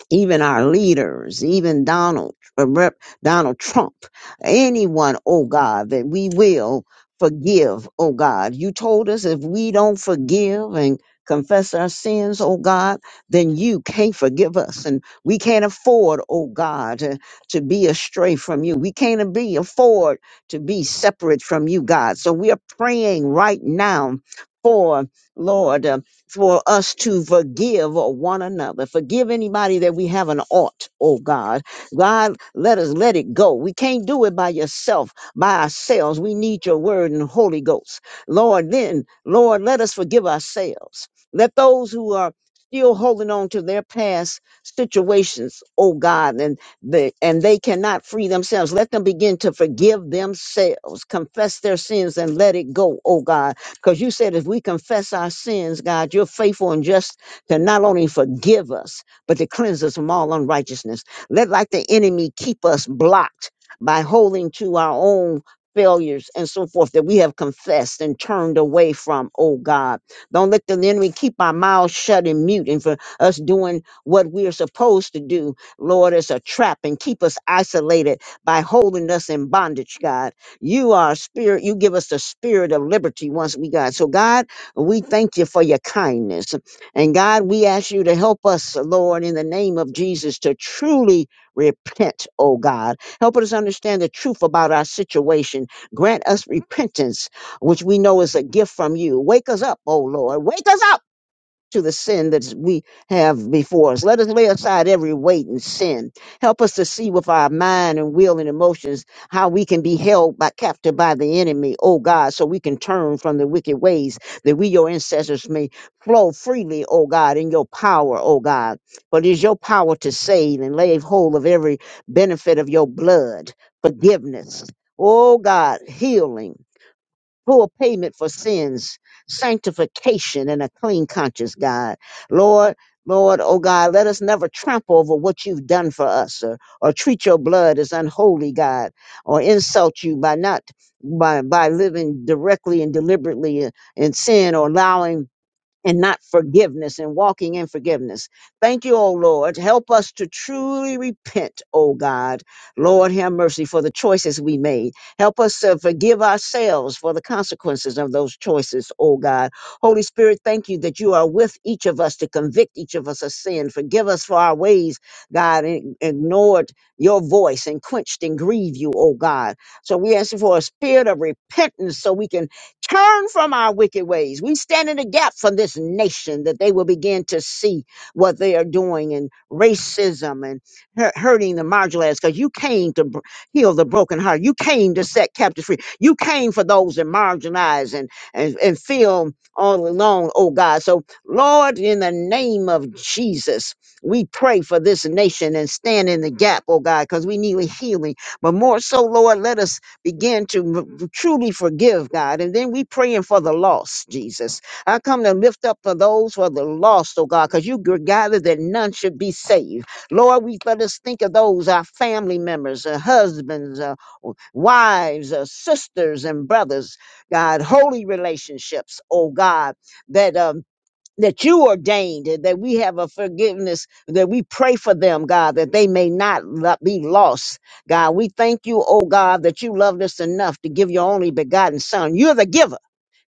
even our leaders, even Donald, uh, Rep, Donald Trump, anyone, oh God, that we will forgive, oh God. You told us if we don't forgive and confess our sins, oh God, then you can't forgive us. And we can't afford, oh God, to, to be astray from you. We can't be afford to be separate from you, God. So we are praying right now for, Lord for us to forgive one another. Forgive anybody that we have an ought, oh God. God, let us let it go. We can't do it by yourself, by ourselves. We need your word and Holy Ghost. Lord, then, Lord, let us forgive ourselves. Let those who are still holding on to their past situations, oh God, and the and they cannot free themselves. Let them begin to forgive themselves, confess their sins and let it go, oh God because you said if we confess our sins, God, you're faithful and just to not only forgive us, but to cleanse us from all unrighteousness. Let like the enemy keep us blocked by holding to our own failures and so forth that we have confessed and turned away from, oh God. Don't let the enemy keep our mouths shut and mute and for us doing what we are supposed to do, Lord, as a trap and keep us isolated by holding us in bondage, God. You are spirit. You give us the spirit of liberty once we got. So God, we thank you for your kindness. And God, we ask you to help us, Lord, in the name of Jesus, to truly repent, oh God. Help us understand the truth about our situation. Grant us repentance, which we know is a gift from you. Wake us up, oh Lord. Wake us up to the sin that we have before us. Let us lay aside every weight and sin. Help us to see with our mind and will and emotions how we can be held by captive by the enemy, oh God, so we can turn from the wicked ways that we, your ancestors, may flow freely, oh God, in your power, oh God. For it is your power to save and lay hold of every benefit of your blood, forgiveness, oh God, healing full payment for sins, sanctification, and a clean conscience, God. Lord, Lord, oh God, let us never trample over what you've done for us or, or treat your blood as unholy, God, or insult you by not by by living directly and deliberately in in sin or allowing and not forgiveness and walking in forgiveness. Thank you, O Lord. Help us to truly repent, O God. Lord, have mercy for the choices we made. Help us to forgive ourselves for the consequences of those choices, O God. Holy Spirit, thank you that you are with each of us to convict each of us of sin. Forgive us for our ways, God, and ignored your voice and quenched and grieved you, O God. So we ask you for a spirit of repentance so we can Turn from our wicked ways. We stand in the gap for this nation that they will begin to see what they are doing in racism and hu- hurting the marginalized. Because you came to br- heal the broken heart. You came to set captives free. You came for those that marginalized and, and, and feel all alone, oh God. So, Lord, in the name of Jesus, we pray for this nation and stand in the gap, oh God, because we need a healing. But more so, Lord, let us begin to m- truly forgive, God. And then we praying for the lost, Jesus. I come to lift up for those who are the lost, oh God, because you g- gathered that none should be saved. Lord, we let us think of those, our family members, our husbands, uh, w- wives, uh, sisters and brothers, God, holy relationships, oh God, that um, that you ordained, and that we have a forgiveness, that we pray for them, God, that they may not lo- be lost. God, we thank you, oh God, that you loved us enough to give your only begotten Son. You're the giver.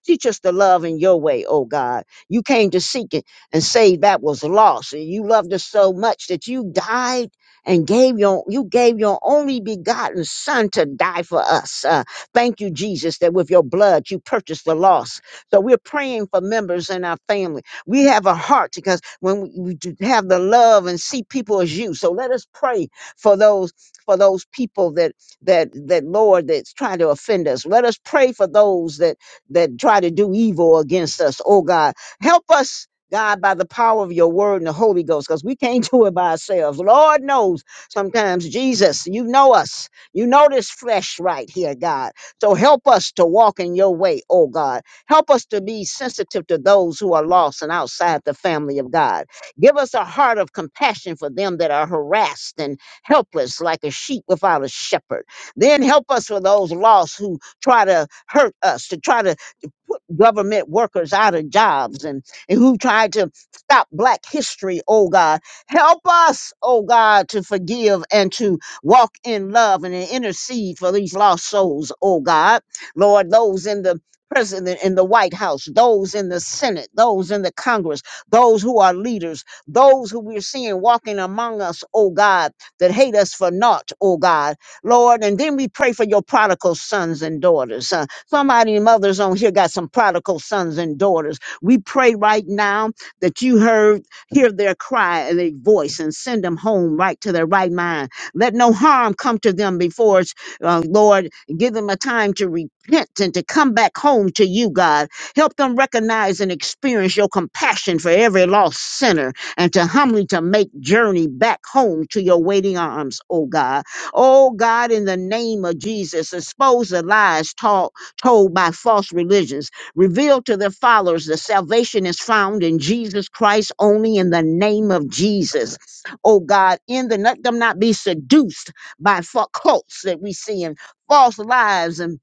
Teach us to love in your way, oh God. You came to seek it and save that was lost. And you loved us so much that you died and gave your you gave your only begotten son to die for us. Uh, thank you, Jesus, that with your blood you purchased the lost. So we're praying for members in our family. We have a heart because when we, we do have the love and see people as you. So let us pray for those for those people that that that Lord that's trying to offend us. Let us pray for those that that try to do evil against us. Oh God, help us. God, by the power of your word and the Holy Ghost, because we can't do it by ourselves. Lord knows sometimes, Jesus, you know us. You know this flesh right here, God. So help us to walk in your way, oh God. Help us to be sensitive to those who are lost and outside the family of God. Give us a heart of compassion for them that are harassed and helpless, like a sheep without a shepherd. Then help us for those lost who try to hurt us, to try to put government workers out of jobs and, and who tried to stop black history, oh God. Help us, oh God, to forgive and to walk in love and to intercede for these lost souls, oh God. Lord, those in the President in the White House, those in the Senate, those in the Congress, those who are leaders, those who we're seeing walking among us, oh God, that hate us for naught, oh God, Lord. And then we pray for your prodigal sons and daughters. Uh, Somebody, mothers on here, got some prodigal sons and daughters. We pray right now that you heard, hear their cry and their voice and send them home right to their right mind. Let no harm come to them before us, uh, Lord. Give them a time to repent and to come back home to you, God. Help them recognize and experience your compassion for every lost sinner and to humbly to make journey back home to your waiting arms, oh God. Oh God, in the name of Jesus, expose the lies taught told by false religions. Reveal to their followers that salvation is found in Jesus Christ only in the name of Jesus. Oh God, in the let them not be seduced by fa- cults that we see in false lives and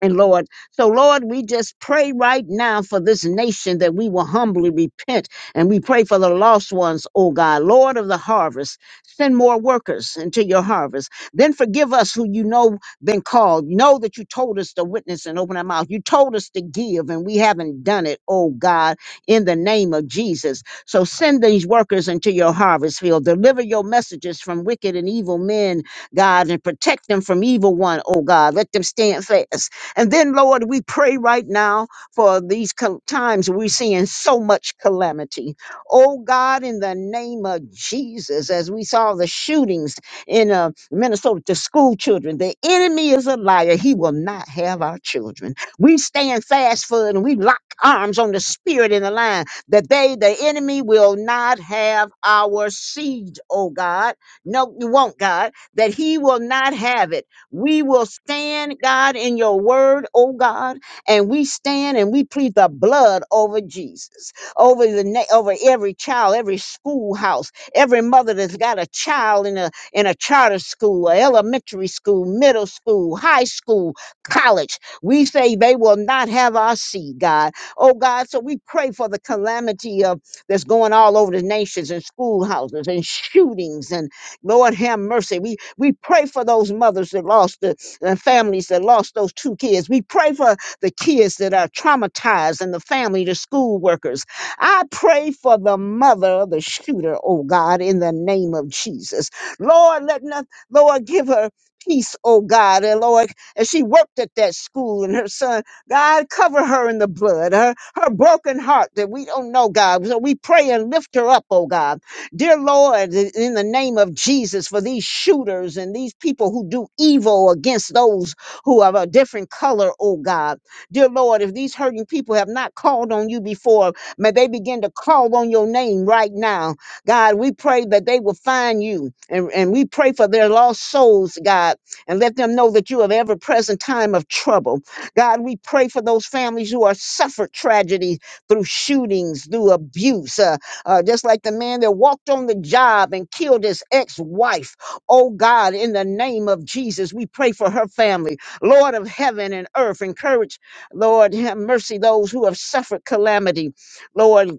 and Lord, so Lord, we just pray right now for this nation that we will humbly repent and we pray for the lost ones, oh God, Lord of the harvest, send more workers into your harvest. Then forgive us who you know been called. You know that you told us to witness and open our mouth. You told us to give and we haven't done it, oh God, in the name of Jesus. So send these workers into your harvest field. Deliver your messages from wicked and evil men, God, and protect them from evil one, oh God. Let them stand fast and then, Lord, we pray right now for these co- times we're seeing so much calamity. Oh God, in the name of Jesus, as we saw the shootings in uh, Minnesota to school children, the enemy is a liar. He will not have our children. We stand fast for it and we lock arms on the spirit in the line that they, the enemy, will not have our seed, oh God. No, you won't, God, that he will not have it. We will stand, God, in your word, oh God, and we stand and we plead the blood over Jesus, over the na- over every child, every schoolhouse, every mother that's got a child in a in a charter school, a elementary school, middle school, high school, college. We say they will not have our seed, God. Oh God, so we pray for the calamity of that's going all over the nations and schoolhouses and shootings and Lord have mercy. We we pray for those mothers that lost the and families that lost those two kids. We pray for the kids that are traumatized and the family, the school workers. I pray for the mother of the shooter, oh God, in the name of Jesus. Lord, let not Lord give her peace, oh God, and Lord, as she worked at that school and her son, God, cover her in the blood, her her broken heart that we don't know, God. So we pray and lift her up, oh God. Dear Lord, in the name of Jesus, for these shooters and these people who do evil against those who are of a different color, oh God. Dear Lord, if these hurting people have not called on you before, may they begin to call on your name right now. God, we pray that they will find you and, and we pray for their lost souls, God, and let them know that you are the ever present time of trouble. God, we pray for those families who are suffered tragedy through shootings, through abuse. uh, uh, just like the man that walked on the job and killed his ex wife. Oh God, in the name of Jesus, we pray for her family. Lord of heaven and earth, encourage, Lord, have mercy those who have suffered calamity. Lord,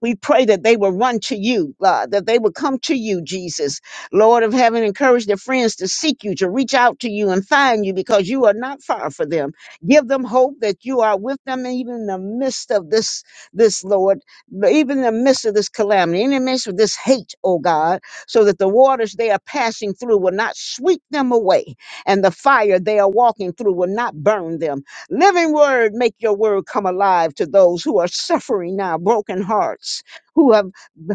we pray that they will run to you, God, that they will come to you, Jesus. Lord of heaven, encourage their friends to seek you, to reach out to you and find you because you are not far for them. Give them hope that you are with them even in the midst of this, this Lord, even in the midst of this calamity, in the midst of this hate, oh God, so that the waters they are passing through will not sweep them away and the fire they are walking through will not burn them Living word, make your word come alive to those who are suffering now, broken hearts, who have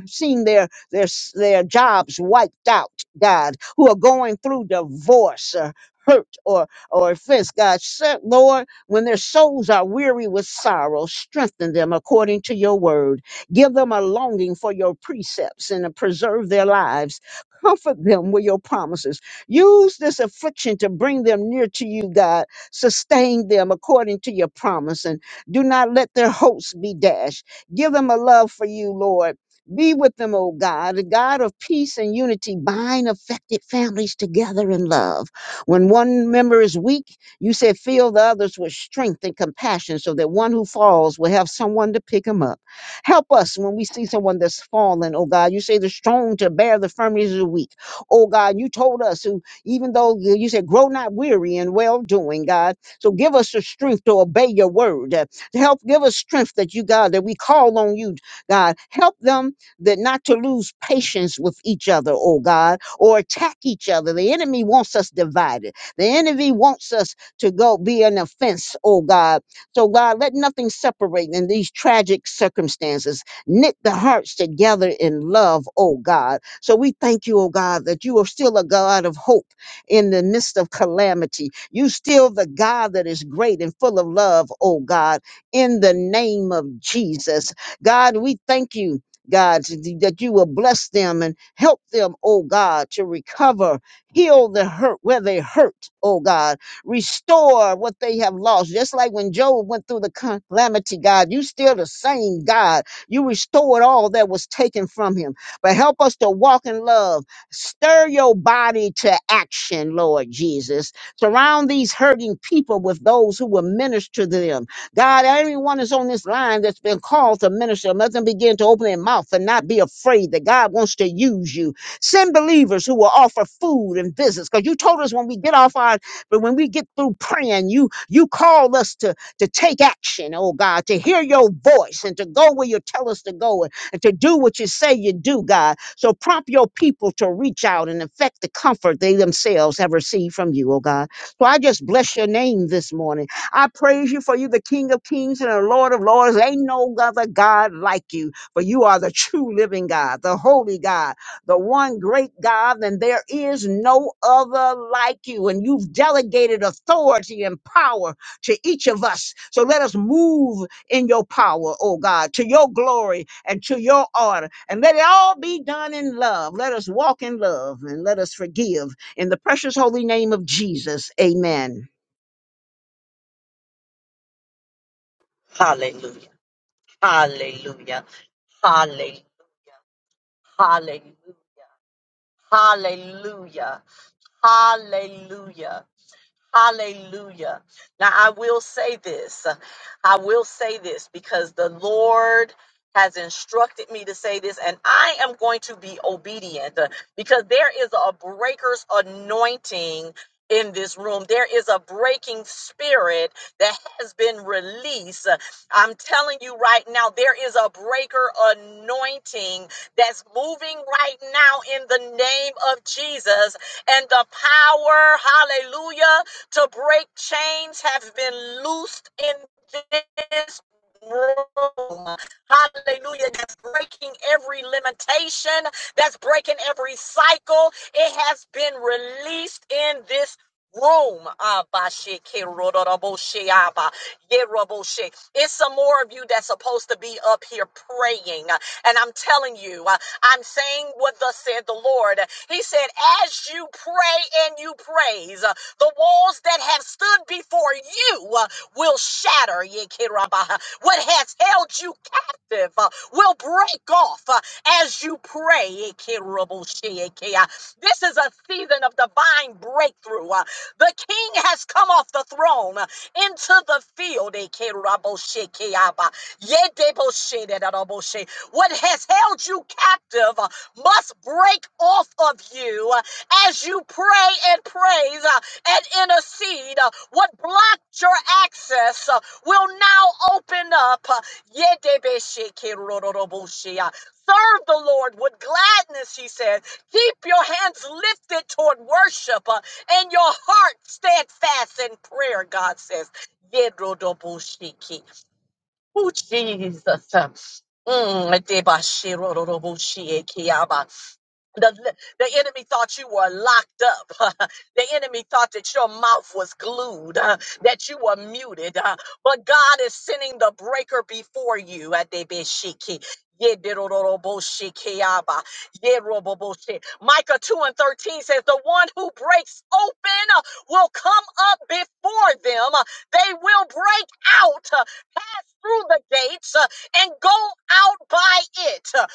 seen their their their jobs wiped out, God, who are going through divorce or hurt or or offense, God. Set, Lord, when their souls are weary with sorrow, strengthen them according to your word. Give them a longing for your precepts and preserve their lives. Comfort them with your promises. Use this affliction to bring them near to you, God Sustain them according to your promise and do not let their hopes be dashed. Give them a love for you, Lord. Be with them, O God, the God of peace and unity. Bind affected families together in love. When one member is weak, you said, fill the others with strength and compassion so that one who falls will have someone to pick him up. Help us when we see someone that's fallen, oh God. You say the strong to bear the firmness of the weak. Oh God, you told us who even though uh, you said, grow not weary in well doing, God. So give us the strength to obey your word. uh, To help give us strength that you, God, that we call on you, God. Help them that not to lose patience with each other, oh God, or attack each other. The enemy wants us divided. The enemy wants us to go be an offense, oh God. So God, let nothing separate in these tragic circumstances. Knit the hearts together in love, oh God. So we thank you, oh God, that you are still a God of hope in the midst of calamity. You still the God that is great and full of love, oh God, in the name of Jesus. God, we thank you. God, that you will bless them and help them, oh God, to recover, heal the hurt where they hurt, oh God, restore what they have lost. Just like when Job went through the calamity, God, you still the same God. You restored all that was taken from him. But help us to walk in love Stir your body to action, Lord Jesus. Surround these hurting people with those who will minister to them. God, everyone that's on this line that's been called to minister, let them begin to open their mouth and not be afraid that God wants to use you. Send believers who will offer food and visits. Because you told us when we get off our, but when we get through praying, you you called us to to take action, oh God, to hear your voice and to go where you tell us to go and, and to do what you say you do, God. So prompt your people to reach out and affect the comfort they themselves have received from you, oh God. So I just bless your name this morning. I praise you for you, the King of Kings and the Lord of Lords. Ain't no other God like you, for you are the true living God, the holy God, the one great God, and there is no other like you. And you've delegated authority and power to each of us. So let us move in your power, oh God, to your glory and to your honor. And let it all be done in love. Let us walk in love and let us forgive. In the precious holy name of Jesus, amen. Hallelujah. Hallelujah. Hallelujah. Hallelujah. Hallelujah. Hallelujah. Hallelujah. Now, I will say this. I will say this because the Lord has instructed me to say this, and I am going to be obedient uh, because there is a breaker's anointing in this room. There is a breaking spirit that has been released. Uh, I'm telling you right now, there is a breaker anointing that's moving right now in the name of Jesus. And the power, hallelujah, to break chains have been loosed in this room. Hallelujah. That's breaking every limitation, that's breaking every cycle. It has been released in this room. Abashe, keroroboshe, aba, yeroboshe. It's some more of you that's supposed to be up here praying. And I'm telling you, uh, I'm saying what thus said the Lord. He said, as you pray and you praise, uh, the walls that have stood before you uh, will shatter. Ye keraba. What has held you captive uh, will break off uh, as you pray. Ye keroboshe, ye This is a season of divine breakthrough. uh, the king has come off the throne into the field. Ekeraboshekeaba, yedeboshedadaboshe. What has held you captive uh, must break off of you uh, as you pray and praise uh, and intercede. Uh, What blocked your access uh, will now open up. Uh, yedebeshekeroroboshe. Uh, Serve the Lord with gladness, he said. Keep your hands lifted toward worship and your heart steadfast in prayer, God says. Yedrodoboshiki. Oh, Jesus. Mm, Debashirodoroboshiekiyaba. The, the enemy thought you were locked up. the enemy thought that your mouth was glued, uh, that you were muted. uh, but God is sending the breaker before you. Adebeshiki, yediroroboshikiaba, yeroboboshe. Micah 2 and 13 says, The one who breaks open uh, will come up before them. Uh, They will break out, uh, pass through the gates, uh, and go out by it. Uh,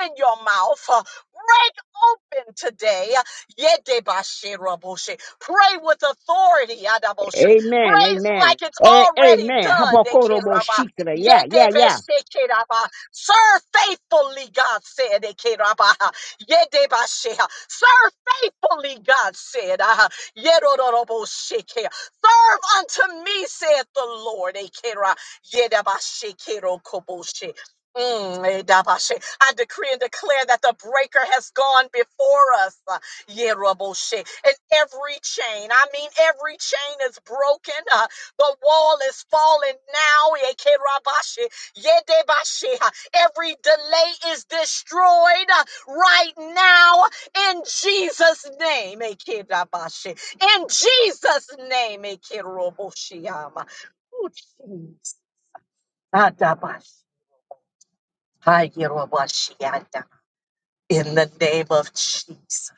Open your mouth. uh, Break open today. Yedebashiraboshe. Pray with authority. Adaboshe. Amen. Praise Amen. like it's A- already amen. done. Hapakoro bo Nekeraba. shikra. Yeah, yeah, yeah. Yedebeshekiraba. Serve faithfully, God said. Nekeraba. Yedebashe. Serve faithfully, God said. Ah, Yerodorobosheke. Serve unto me, saith the Lord. Ekera. Yedabashekirokoboshe. Mm, eh, dabashe. I decree and declare that the breaker has gone before us. uh, yeah, raboshe. And every chain, I mean, every chain is broken. uh, The wall is falling now. eh, ke rabashe. Yeah, debashe. Uh, Every delay is destroyed uh, right now in Jesus' name. eh, ke dabashe. In Jesus' name. eh, ke raboshe, um, Oh, jeez. Ah, dabashe. Hi, In the name of Jesus.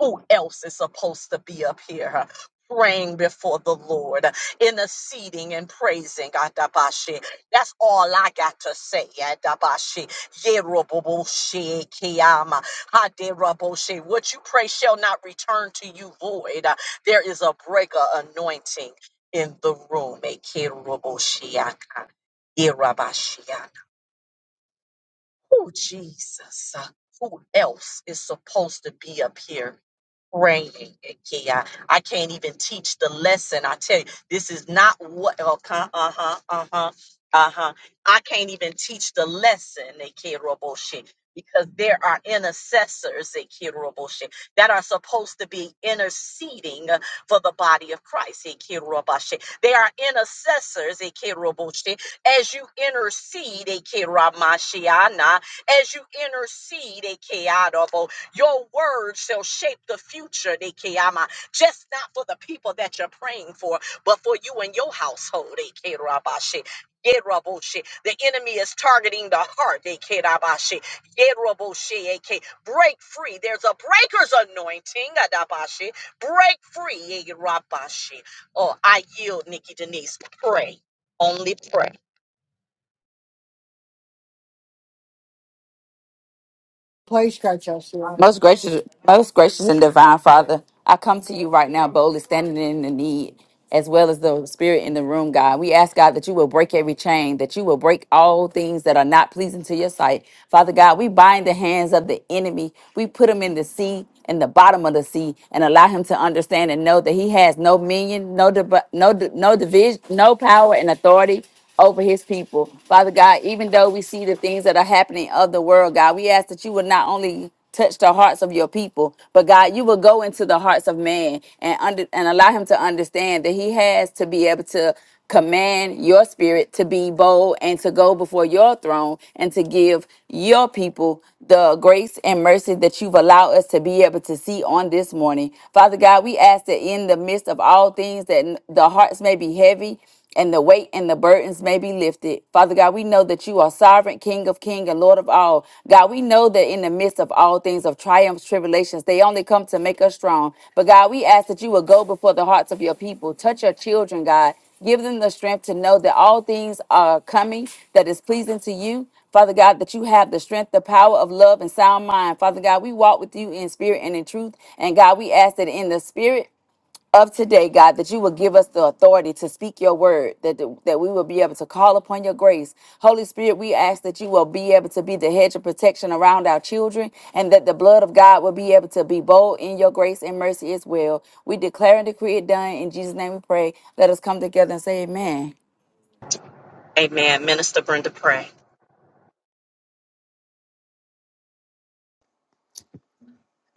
Who else is supposed to be up here? huh, Praying before the Lord, interceding and praising Adabashi. That's all I got to say. Adabashi. Yeroboboshi Kiyama. Haderaboshi. What you pray shall not return to you void. There is a breaker anointing in the room. Ekeroboshiaka. Yerabashiaka. Oh, Jesus. uh, Who else is supposed to be up here? praying, Kia. I can't even teach the lesson. I tell you, this is not what. Okay, uh huh, uh huh, uh huh. I can't even teach the lesson, Kia Roboshi, because there are intercessors, Kia Roboshi, that are supposed to be interceding uh, for the body of Christ, Kia Roboshi. They are intercessors, Kia Roboshi. As you intercede, Kia Ramashiana, as you intercede, your word shall shape the future, Nikiyama, just not for the people that you're praying for, but for you and your household, Ikerabashi. Yeraboshi. The enemy is targeting the heart. Ikerabashi. Yeraboshi, Ike. Break free. There's a breaker's anointing. Adabashi. Break free. Ikerabashi. Oh, I yield, Nikki Denise. Pray. Only pray. Please stretch us, Lord. Most gracious, most gracious and divine Father, I come to you right now boldly, standing in the need as well as the spirit in the room, God. We ask God that you will break every chain, that you will break all things that are not pleasing to your sight. Father God, we bind the hands of the enemy. We put him in the sea, in the bottom of the sea, and allow him to understand and know that he has no minion, no div- no di- no division, no power and authority over his people. Father God, even though we see the things that are happening of the world, God, we ask that you would not only touch the hearts of your people, but God, you will go into the hearts of man and under and allow him to understand that he has to be able to command your spirit to be bold and to go before your throne and to give your people the grace and mercy that you've allowed us to be able to see on this morning. Father God, we ask that in the midst of all things that the hearts hearts may be heavy and the weight and the burdens may be lifted. Father God, we know that you are sovereign, King of King and Lord of all. God, we know that in the midst of all things of triumphs, tribulations, they only come to make us strong. But God, we ask that you will go before the hearts of your people, touch your children, God. Give them the strength to know that all things are coming that is pleasing to you. Father God, that you have the strength, the power of love and sound mind. Father God, we walk with you in spirit and in truth. And God, we ask that in the spirit of today, God, that you will give us the authority to speak your word, that, that we will be able to call upon your grace. Holy Spirit, we ask that you will be able to be the hedge of protection around our children and that the blood of God will be able to be bold in your grace and mercy as well. We declare and decree it done. In Jesus' name we pray. Let us come together and say amen. Amen. Minister Brenda, pray.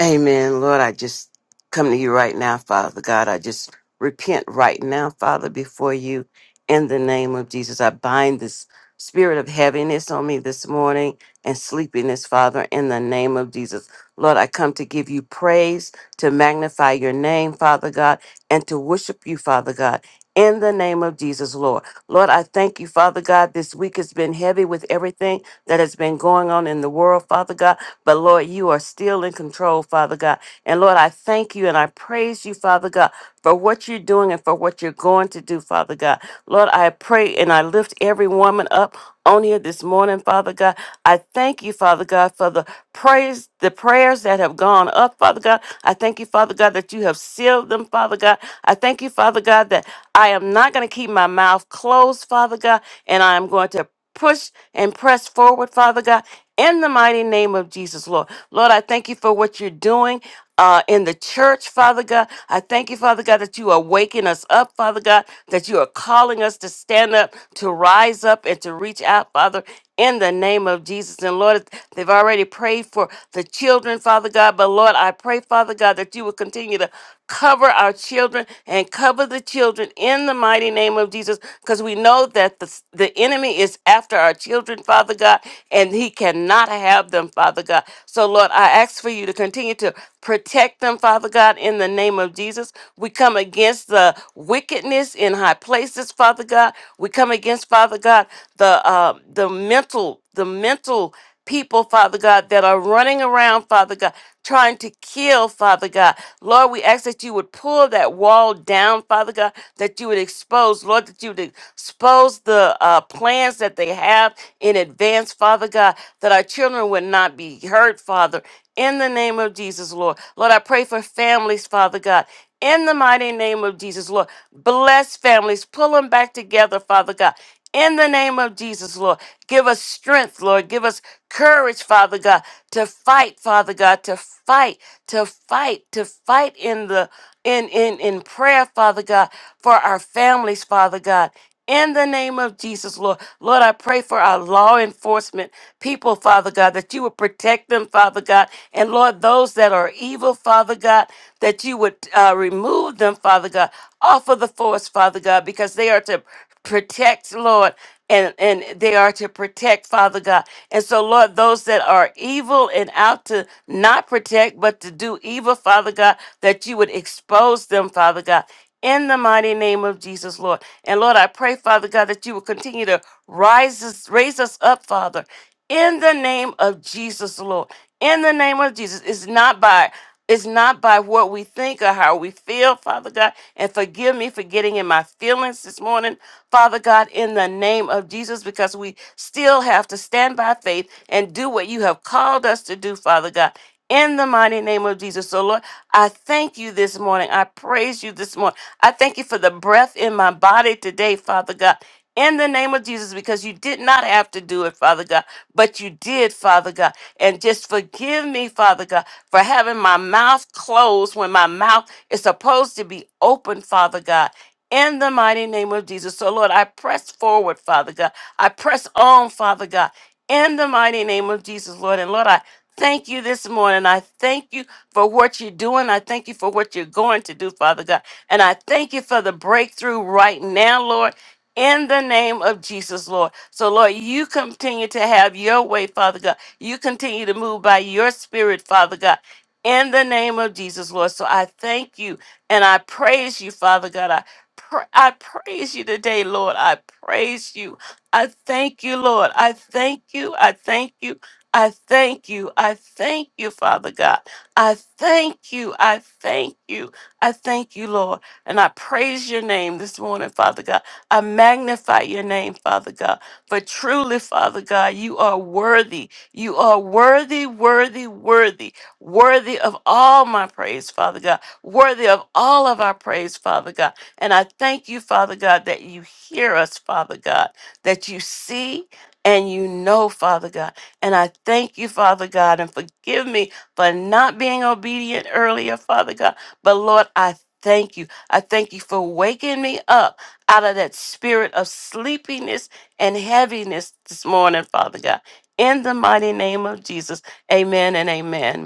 Amen. Lord, I just come to you right now, Father God. I just repent right now, Father, before you in the name of Jesus. I bind this spirit of heaviness on me this morning and sleepiness, Father, in the name of Jesus. Lord, I come to give you praise, to magnify your name, Father God, and to worship you, Father God. In the name of Jesus, Lord. Lord, I thank you, Father God. This week has been heavy with everything that has been going on in the world, Father God. But Lord, you are still in control, Father God. And Lord, I thank you and I praise you, Father God, for what you're doing and for what you're going to do, Father God. Lord, I pray and I lift every woman up on here this morning, Father God. I thank you, Father God, for the praise, the prayers that have gone up, Father God. I thank you, Father God, that you have sealed them, Father God. I thank you, Father God, that I am not going to keep my mouth closed, Father God, and I am going to push and press forward, Father God. In the mighty name of Jesus, Lord. Lord, I thank you for what you're doing uh, in the church, Father God. I thank you, Father God, that you are waking us up, Father God, that you are calling us to stand up, to rise up, and to reach out, Father, in the name of Jesus. And Lord, they've already prayed for the children, Father God, but Lord, I pray, Father God, that you will continue to cover our children and cover the children in the mighty name of Jesus because we know that the, the enemy is after our children, Father God, and he cannot have them, Father God. God. So, Lord, I ask for you to continue to protect them, Father God, in the name of Jesus. We come against the wickedness in high places, Father God. We come against, Father God, the uh, the mental, the mental people, Father God, that are running around, Father God, trying to kill, Father God. Lord, we ask that you would pull that wall down, Father God, that you would expose, Lord, that you would expose the uh, plans that they have in advance, Father God, that our children would would not be hurt, Father, in the name of Jesus, Lord. Lord, I pray for families, Father God. In the mighty name of Jesus, Lord, bless families, pull them back together, Father God. In the name of Jesus, Lord, give us strength, Lord. Give us courage, Father God, to fight, Father God, to fight, to fight, to fight in the in in in prayer, Father God, for our families, Father God in the name of Jesus, Lord. Lord, I pray for our law enforcement people, Father God, that you would protect them, Father God. And Lord, those that are evil, Father God, that you would uh, remove them, Father God, off of the force, Father God, because they are to protect, Lord. And, and they are to protect, Father God. And so, Lord, those that are evil and out to not protect, but to do evil, Father God, that you would expose them, Father God in the mighty name of Jesus, Lord. And Lord, I pray, Father God, that you will continue to rise us, raise us up, Father, in the name of Jesus, Lord. In the name of Jesus. It's not by it's not by what we think or how we feel, Father God. And forgive me for getting in my feelings this morning, Father God, in the name of Jesus, because we still have to stand by faith and do what you have called us to do, Father God. In the mighty name of Jesus. So, Lord, I thank you this morning. I praise you this morning. I thank you for the breath in my body today, Father God. In the name of Jesus, because you did not have to do it, Father God, but you did, Father God. And just forgive me, Father God, for having my mouth closed when my mouth is supposed to be open, Father God. In the mighty name of Jesus. So, Lord, I press forward, Father God. I press on, Father God. In the mighty name of Jesus, Lord. And Lord, I thank you this morning. I thank you for what you're doing. I thank you for what you're going to do, Father God. And I thank you for the breakthrough right now, Lord, in the name of Jesus, Lord. So, Lord, you continue to have your way, Father God. You continue to move by your spirit, Father God. In the name of Jesus, Lord. So I thank you and I praise you, Father God. I, pra- I praise you today, Lord. I praise you. I thank you, Lord. I thank you. I thank you. I thank you. I thank you, Father God. I thank you. I thank you. I thank you, Lord. And I praise your name this morning, Father God. I magnify your name, Father God. For truly, Father God, you are worthy. You are worthy, worthy, worthy, worthy of all my praise, Father God. Worthy of all of our praise, Father God. And I thank you, Father God, that you hear us, Father God, that you see and you know, Father God. And I thank you, Father God, and forgive me for not being obedient earlier, Father God. But Lord, I thank you. I thank you for waking me up out of that spirit of sleepiness and heaviness this morning, Father God. In the mighty name of Jesus, amen and amen.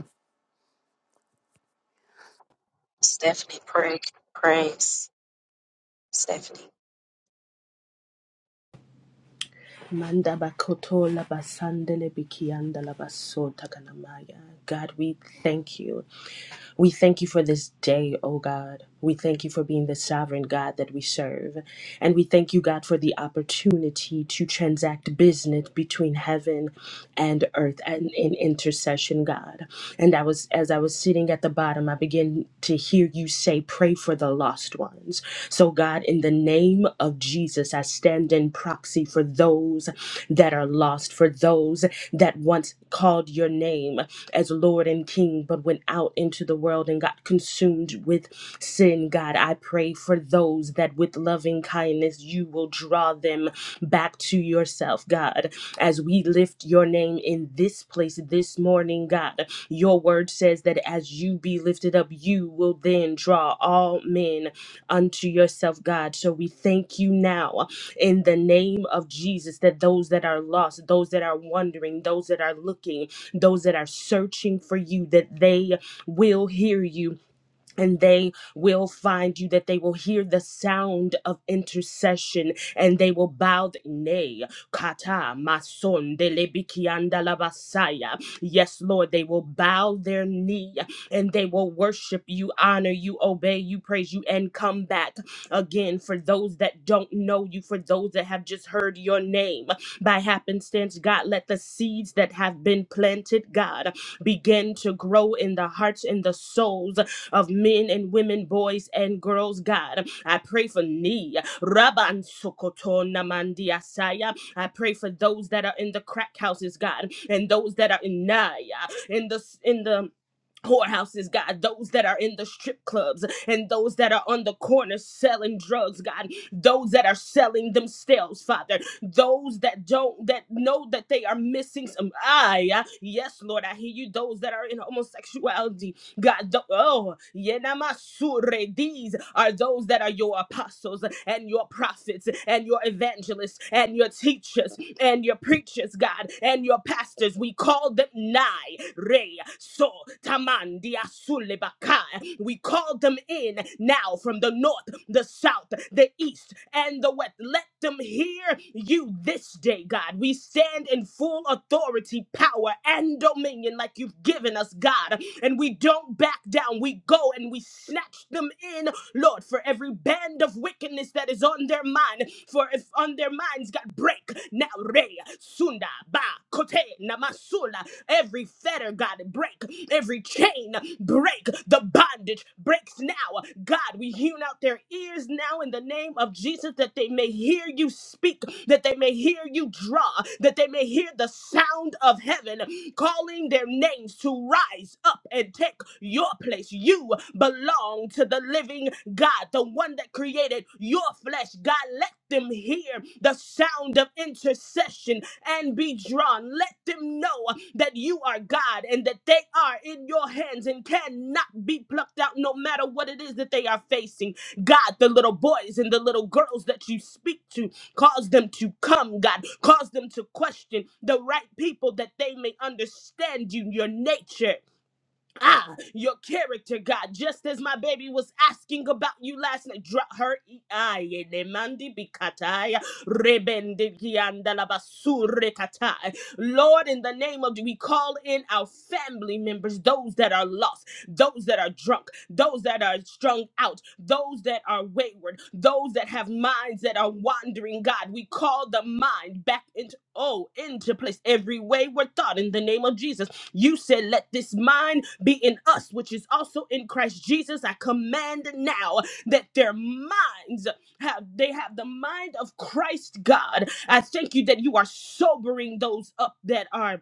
Stephanie, pray. Praise. Stephanie. Manda bakoto la basandele bikianda la basota kanamaya. God, we thank you. We thank you for this day, O God. We thank you for being the sovereign God that we serve. And we thank you, God, for the opportunity to transact business between heaven and earth and in intercession, God. And I was as I was sitting at the bottom, I began to hear you say, pray for the lost ones. So God, in the name of of Jesus, I stand in proxy for those that are lost, for those that once called your name as Lord and King, but went out into the world and got consumed with sin. God, I pray for those that with loving kindness you will draw them back to yourself, God, as we lift your name in this place this morning, God. Your word says that as you be lifted up, you will then draw all men unto yourself, God. So we thank you now in the name of Jesus that those that are lost, those that are wandering, those that are looking, those that are searching for you, that they will hear you and they will find you that they will hear the sound of intercession and they will bow the knee kata mason de lebikianda la basaya. yes lord they will bow their knee and they will worship you honor you obey you praise you and come back again for those that don't know you for those that have just heard your name by happenstance god let the seeds that have been planted god begin to grow in the hearts and the souls of men and women, boys and girls, God. I pray for me, Rabban Sokotona Mandiasaya. I pray for those that are in the crack houses, God, and those that are in Naya, in the in the whorehouses, God, those that are in the strip clubs, and those that are on the corner selling drugs, God, those that are selling themselves, Father, those that don't that know that they are missing some. Ah, yeah. yes, Lord, I hear you. Those that are in homosexuality, God, th- oh, Yenamasure, these are those that are your apostles and your prophets and your evangelists and your teachers and your preachers, God, and your pastors. We call them nigh, re, so, tamandia, sulebaka. We call them in now from the north, the south, the east, and the west. Let them hear you this day, God. We stand in full authority, power, and dominion like you've given us, God. And we don't back down. We go and we snatch them in, Lord, for every band of wickedness that is on their mind. For if on their minds, God, break now, Re, Sunda, Ba, Kote, Namasula, every fetter, God, break every chain, break the bondage, breaks now. God, we hewn out their ears now in the name of Jesus that they may hear you speak, that they may hear you draw, that they may hear the sound of heaven calling their names to rise up and take your place. You belong to the living God, the one that created your flesh. God, let them hear the sound of intercession and be drawn. Let them know that you are God and that they are in your hands and cannot be plucked out no matter what it is that they are facing. God, the little boys and the little girls that you speak to, cause them to come, God. Cause them to question the right people that they may understand you, your nature ah, your character, God, just as my baby was asking about you last night. Drop her e- aye, ne mandi bikataya, rebende kianda la basure katai. Lord, in the name of we call in our family members, those that are lost, those that are drunk, those that are strung out, those that are wayward, those that have minds that are wandering. God, we call the mind back into oh into place every wayward thought in the name of Jesus you said, Let this mind be in us, which is also in Christ Jesus. I command now that their minds have they have the mind of Christ God. I thank you that you are sobering those up that are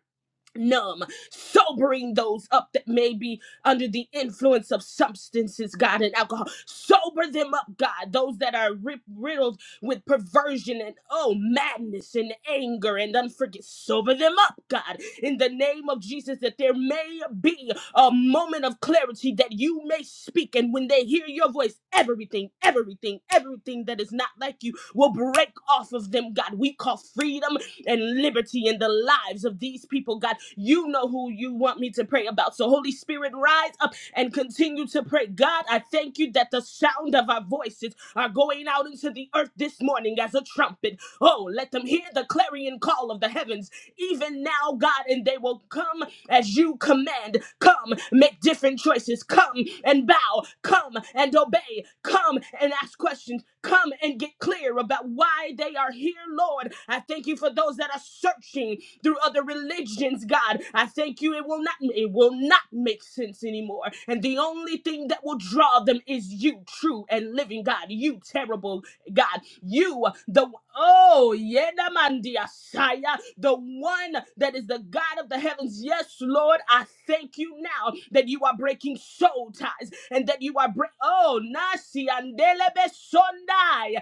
numb, sobering those up that may be under the influence of substances, God, and alcohol. Sober them up, God, those that are rip- riddled with perversion and oh, madness and anger and unforgiveness. Sober them up, God, in the name of Jesus, that there may be a moment of clarity that you may speak. And when they hear your voice, everything, everything, everything that is not like you will break off of them, God. We call freedom and liberty in the lives of these people, God. You know who you want me to pray about. So, Holy Spirit, rise up and continue to pray. God, I thank you that the sound of our voices are going out into the earth this morning as a trumpet. Oh, let them hear the clarion call of the heavens, even now, God, and they will come as you command. Come, make different choices. Come and bow. Come and obey. Come and ask questions. Come and get clear about why they are here, Lord. I thank you for those that are searching through other religions, God. I thank you. It will not it will not make sense anymore. And the only thing that will draw them is you, true and living God. You terrible God. You the oh yenamandiasaya, the one that is the God of the heavens. Yes, Lord, I thank you now that you are breaking soul ties and that you are breaking. oh nasi andelebe sondai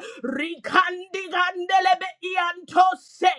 indelebe ianto se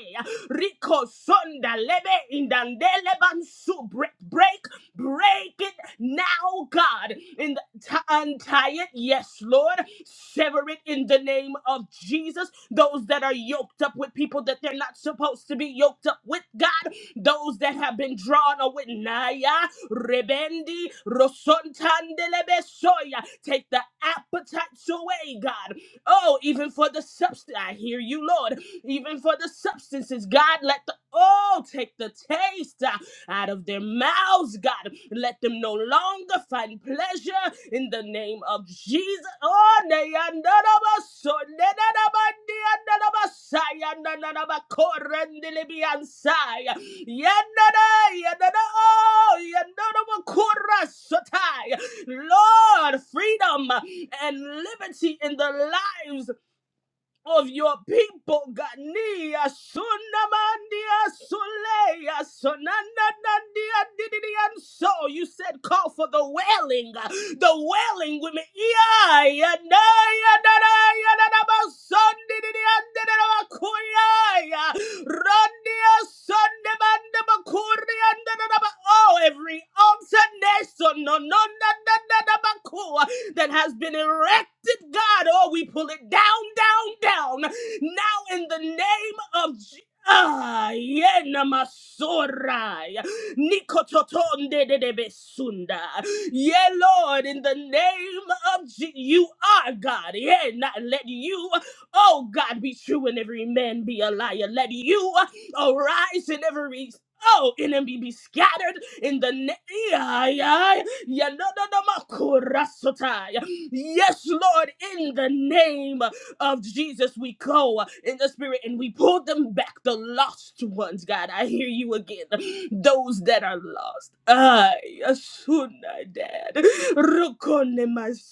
rico sonda lebe indandele bansu break break break it now God in the, t- untie it yes Lord sever it in the name of Jesus those that are yoked up with people that they're not supposed to be yoked up with God those that have been drawn away naya rebendi rosontandelebe soya take the appetites away God oh even for the substance. I hear you, Lord. Even for the substances, God, let the oh take the taste uh, out of their mouths, God. Let them no longer find pleasure in the name of Jesus. Oh, neyandarabasor, nenanabandiyandarabasai, yandanarabakorendilibiansai. Yandara, yandara, oh, yandarabakorasotai. Lord, freedom and liberty in the lives of your people, God. Nia sunamandia suleya sunanandia dididia. And so you said, call for the wailing, uh, the wailing women. Ia Naya Naya Nana Sunday. Oh, every altar nation, no, no, no, no, no, no, Bakua, that has been erected, God. Oh, we pull it down, down, down. Now, in the name of Jesus. Ah, yena masorai. Nikototonde de de de besunda. Yeah, Lord, in the name of Je- you are God. Yeah, not let you. Oh God, be true and every man be a liar. Let you uh, arise in every Oh, enemy be scattered in the name. Yes, Lord, in the name of Jesus, we go in the spirit and we pull them back, the lost ones, God. I hear you again. Those that are lost. Ah, Asuna, Dad. Rukone masundele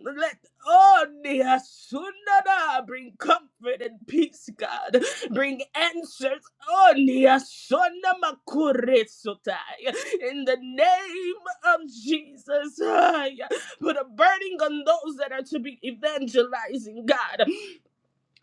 let only a Sundana bring comfort and peace, God. Bring answers only a Sonamakuresotai. In the name of Jesus. Ay, Put a burning on those that are to be evangelizing, God.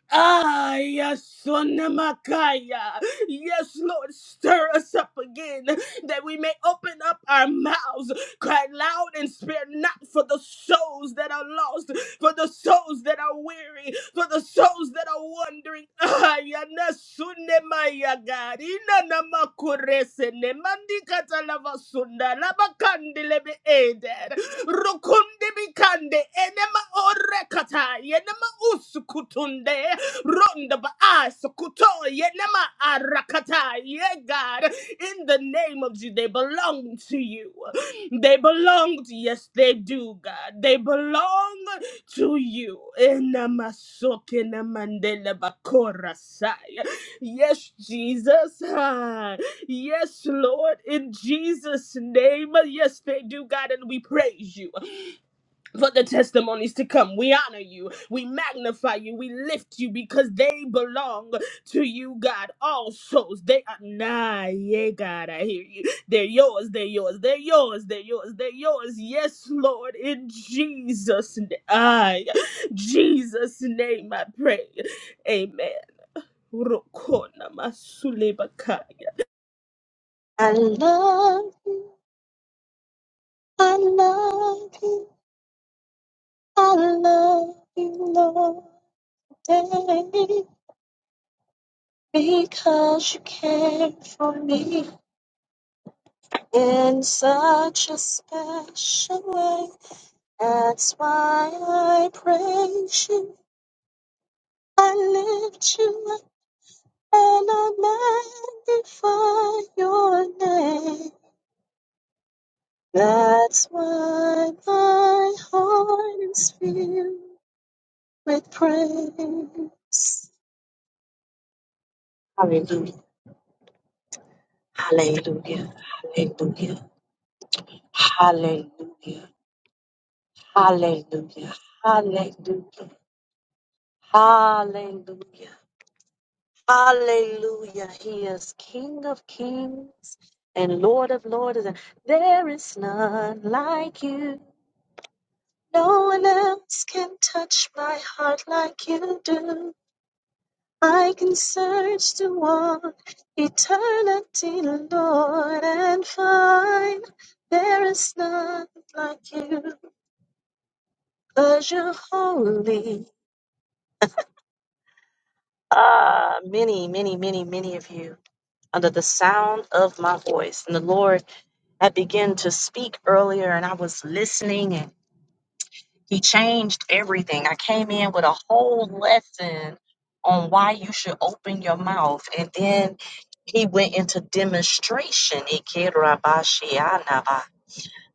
Ah, yes, Sonamakaya. Yes, Lord, stir us up again that we may open up our mouths, cry loud and spare not for the souls that are lost, for the souls that are weary, for the souls that are wandering. Ah, yana sunemaya God. Ina namakurese ne mandikata lava sunda lava kandile be eder. Rukundi bikande enema orekata yenema usukutunde. Ronda ba'a sukuto ye nama arakata ye God. In the name of Jesus, they belong to you. They belong to yes, they do, God. They belong to you. Enamasoke namandele bakora Yes, Jesus. Ah, Yes, Lord. In Jesus' name. Yes, they do, God, and we praise you for the testimonies to come. We honor you. We magnify you. We lift you because they belong to you, God. All souls, they are nah, yeah, God. I hear you. They're yours. They're yours. They're yours. They're yours. They're yours. Yes, Lord, in Jesus' name. I, Jesus' name, I pray. Amen. Rokona masulebaka. I love All you take, be kind for me in such special way. That's why I praise you, I lift you up, and I magnify your name. That's why my heart is filled with praise. Hallelujah. Hallelujah. Hallelujah. Hallelujah. Hallelujah. Hallelujah. Hallelujah. Hallelujah. He is King of kings and Lord of lords. And there is none like you. No one else can touch my heart like you do. I can search to all eternity, Lord, and find there is none like youbecause you 'Cause you're holy. Ah, many, many, many, many of you. under the sound of my voice. And the Lord had begun to speak earlier, and I was listening, and He changed everything. I came in with a whole lesson on why you should open your mouth, and then He went into demonstration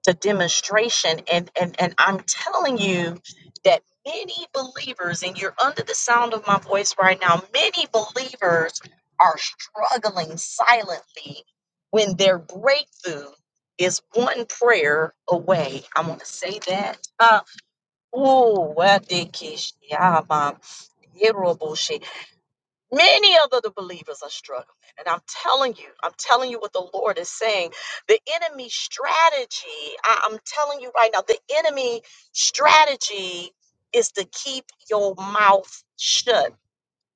to demonstration and and and I'm telling you that many believers and you're under the sound of my voice right now many believers are struggling silently when their breakthrough is one prayer away. I want to say that. Uh, ooh, what did Kish- yeah, Mom. Many of the the believers are struggling. And I'm telling you, I'm telling you what the Lord is saying. The enemy strategy, I, I'm telling you right now, the enemy strategy is to keep your mouth shut.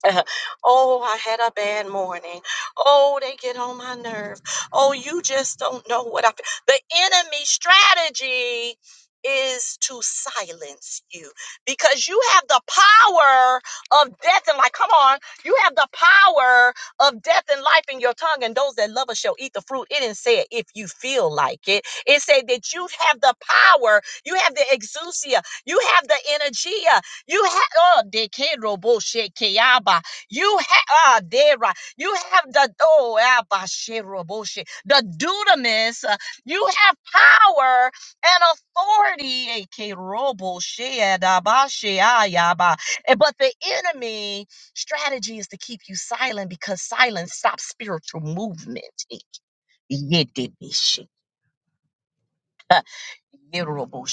oh, I had a bad morning. Oh, they get on my nerve. Oh, you just don't know what I feel. The enemy strategy is to silence you because you have the power of death and life. Come on, you have the power of death and life in your tongue, and those that love us shall eat the fruit. It didn't say it if you feel like it, it said that you have the power, you have the exousia, you have the energia, you have oh de ke robo she yaba. You have ah dera. You have the oh yaba she robo she the dunamis. uh, You have power and authority. eh, Ke robo she adaba she ayaba. Eh, But the enemy strategy is to keep you silent because silence stops spiritual movement. Eh, Ye de she, uh, ye robo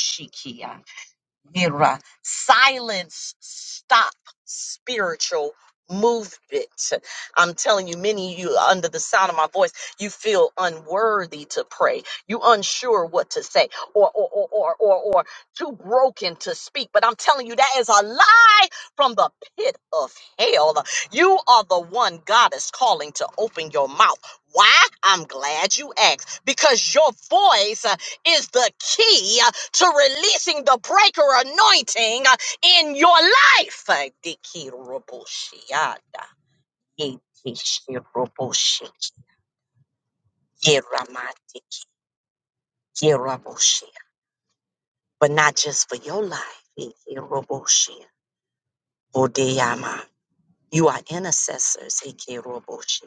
Mira. Silence, stop spiritual movement. I'm telling you, many of you are under the sound of my voice, you feel unworthy to pray. You unsure what to say or or or or or, or too broken to speak. But I'm telling you, that is a lie from the pit of hell. You are the one God is calling to open your mouth. Why? I'm glad you asked because your voice uh, is the key to releasing the breaker anointing uh, in your life. Uh, Dikiroboshiada, Yekishiroboshi, Yeramati, Yeraboshi. But not just for your life. Ikiroboshi, Bodeyama. You are intercessors. Ikiroboshi.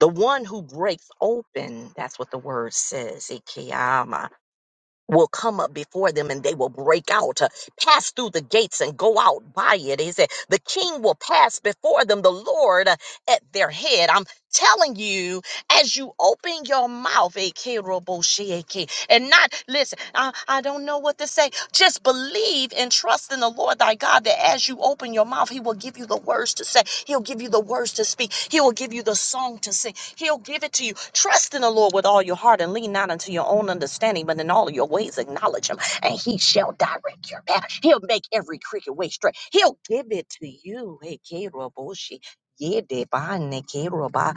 The one who breaks open, that's what the word says. will come up before them and they will break out, uh, pass through the gates and go out by it. He said, The king will pass before them, the Lord uh, at their head. I'm telling you, as you open your mouth, a and not listen, I, I don't know what to say. Just believe and trust in the Lord thy God that as you open your mouth, he will give you the words to say. He'll give you the words to speak. He will give you the song to sing. He'll give it to you. Trust in the Lord with all your heart and lean not unto your own understanding, but in all of your ways acknowledge him, and he shall direct your path. He'll make every crooked way straight. He'll give it to you. Hey, Keroboshi. Yedebane Keroba,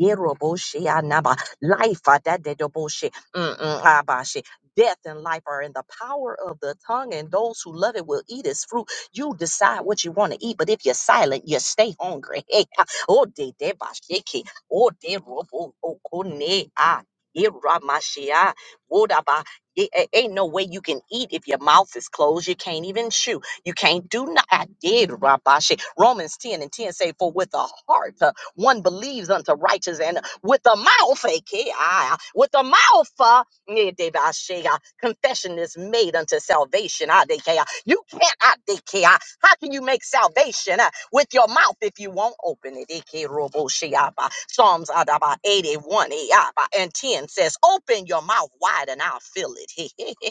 Yeroboshi Anaba, Life Adadedoboshi, Mm-mm, Abashi. Death and life are in the power of the tongue, and those who love it will eat its fruit. You decide what you want to eat, but if you're silent, you stay hungry. Hey, ah, Oh, de de bashiki. Oh, de robo okone ah. Iramashia. Wodaba. It it ain't no way you can eat if your mouth is closed. You can't even chew. You can't do not. I did, Rabashi. Romans 10 and 10 say, For with the heart uh, one believes unto righteous, and with the mouth, aka, with the mouth, uh, Yedebashea. Confession is made unto salvation. Adekea. You can't. Adekea. How can you make salvation uh, with your mouth if you won't open it? Ekerobosheaba. Psalms adaba, 81 eaba, and 10 says, Open your mouth wide and I'll fill it.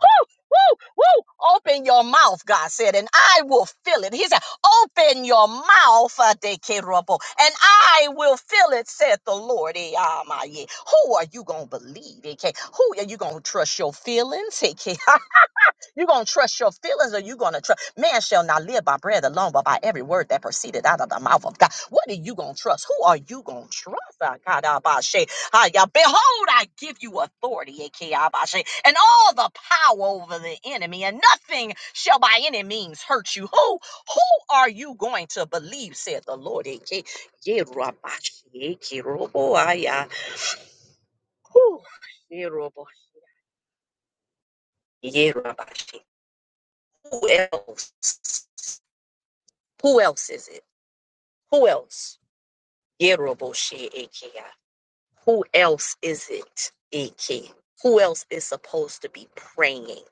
woo, woo. woo! Open your mouth, God said, and I will fill it. He said, Open your mouth, uh, Dekerobo, and I will fill it, said the Lord. Eh, ah, my, yeah. Who are you going to believe? AK? Who are you going to trust your feelings? AK? You gonna trust your feelings, or you gonna trust man shall not live by bread alone, but by every word that proceeded out of the mouth of God. What are you gonna trust? Who are you gonna trust? Ah, God, ah, bah, shay. Ah, yeah. Behold, I give you authority, eh, K, ah, bah, shay, and all the power over the enemy, and nothing shall by any means hurt you. Who who are you going to believe? Said the Lord. eh, K, yeah, rah, bah, shay, K, ro, bo, ah, yeah. Whew, yeah, ro, bo, yeah, rah, bah, shay. Who else? Who else is it? Who else? Yeroboshe Ikea. Who else is it? Ike. Who else is supposed to be praying?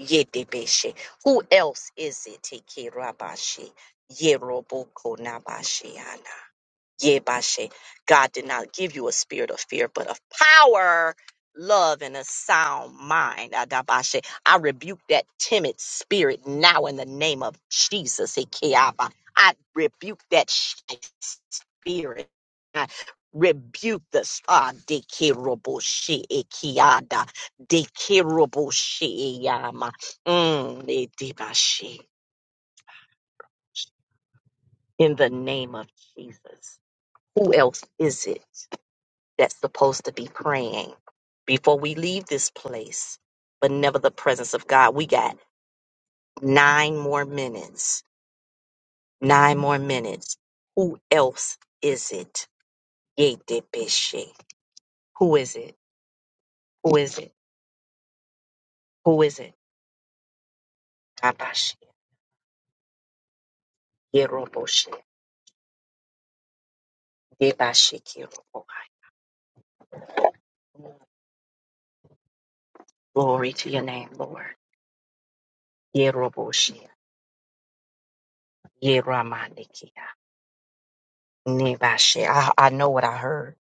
Yedebeshe. Who else is it? Ike Rabashi. Yeroboko Yebashe. God did not give you a spirit of fear, but of power, love, and a sound mind. Adabashe. I rebuke that timid spirit now in the name of Jesus. Ekeaba. I rebuke that shy spirit. I rebuke the ah dekeroboshe ekiada dekeroboshe yama mm, edebashe. in the name of Jesus. Who else is it? that's supposed to be praying before we leave this place, but never the presence of God. We got nine more minutes. Nine more minutes. Who else is it? Yedebeshi. Who is it? Who is it? Who is it? Abashi. Yeroboshi. Debashi kirobo. Glory to your name, Lord. Yeroboshi. Yeramanikia. Nebashi. I, I know what I heard.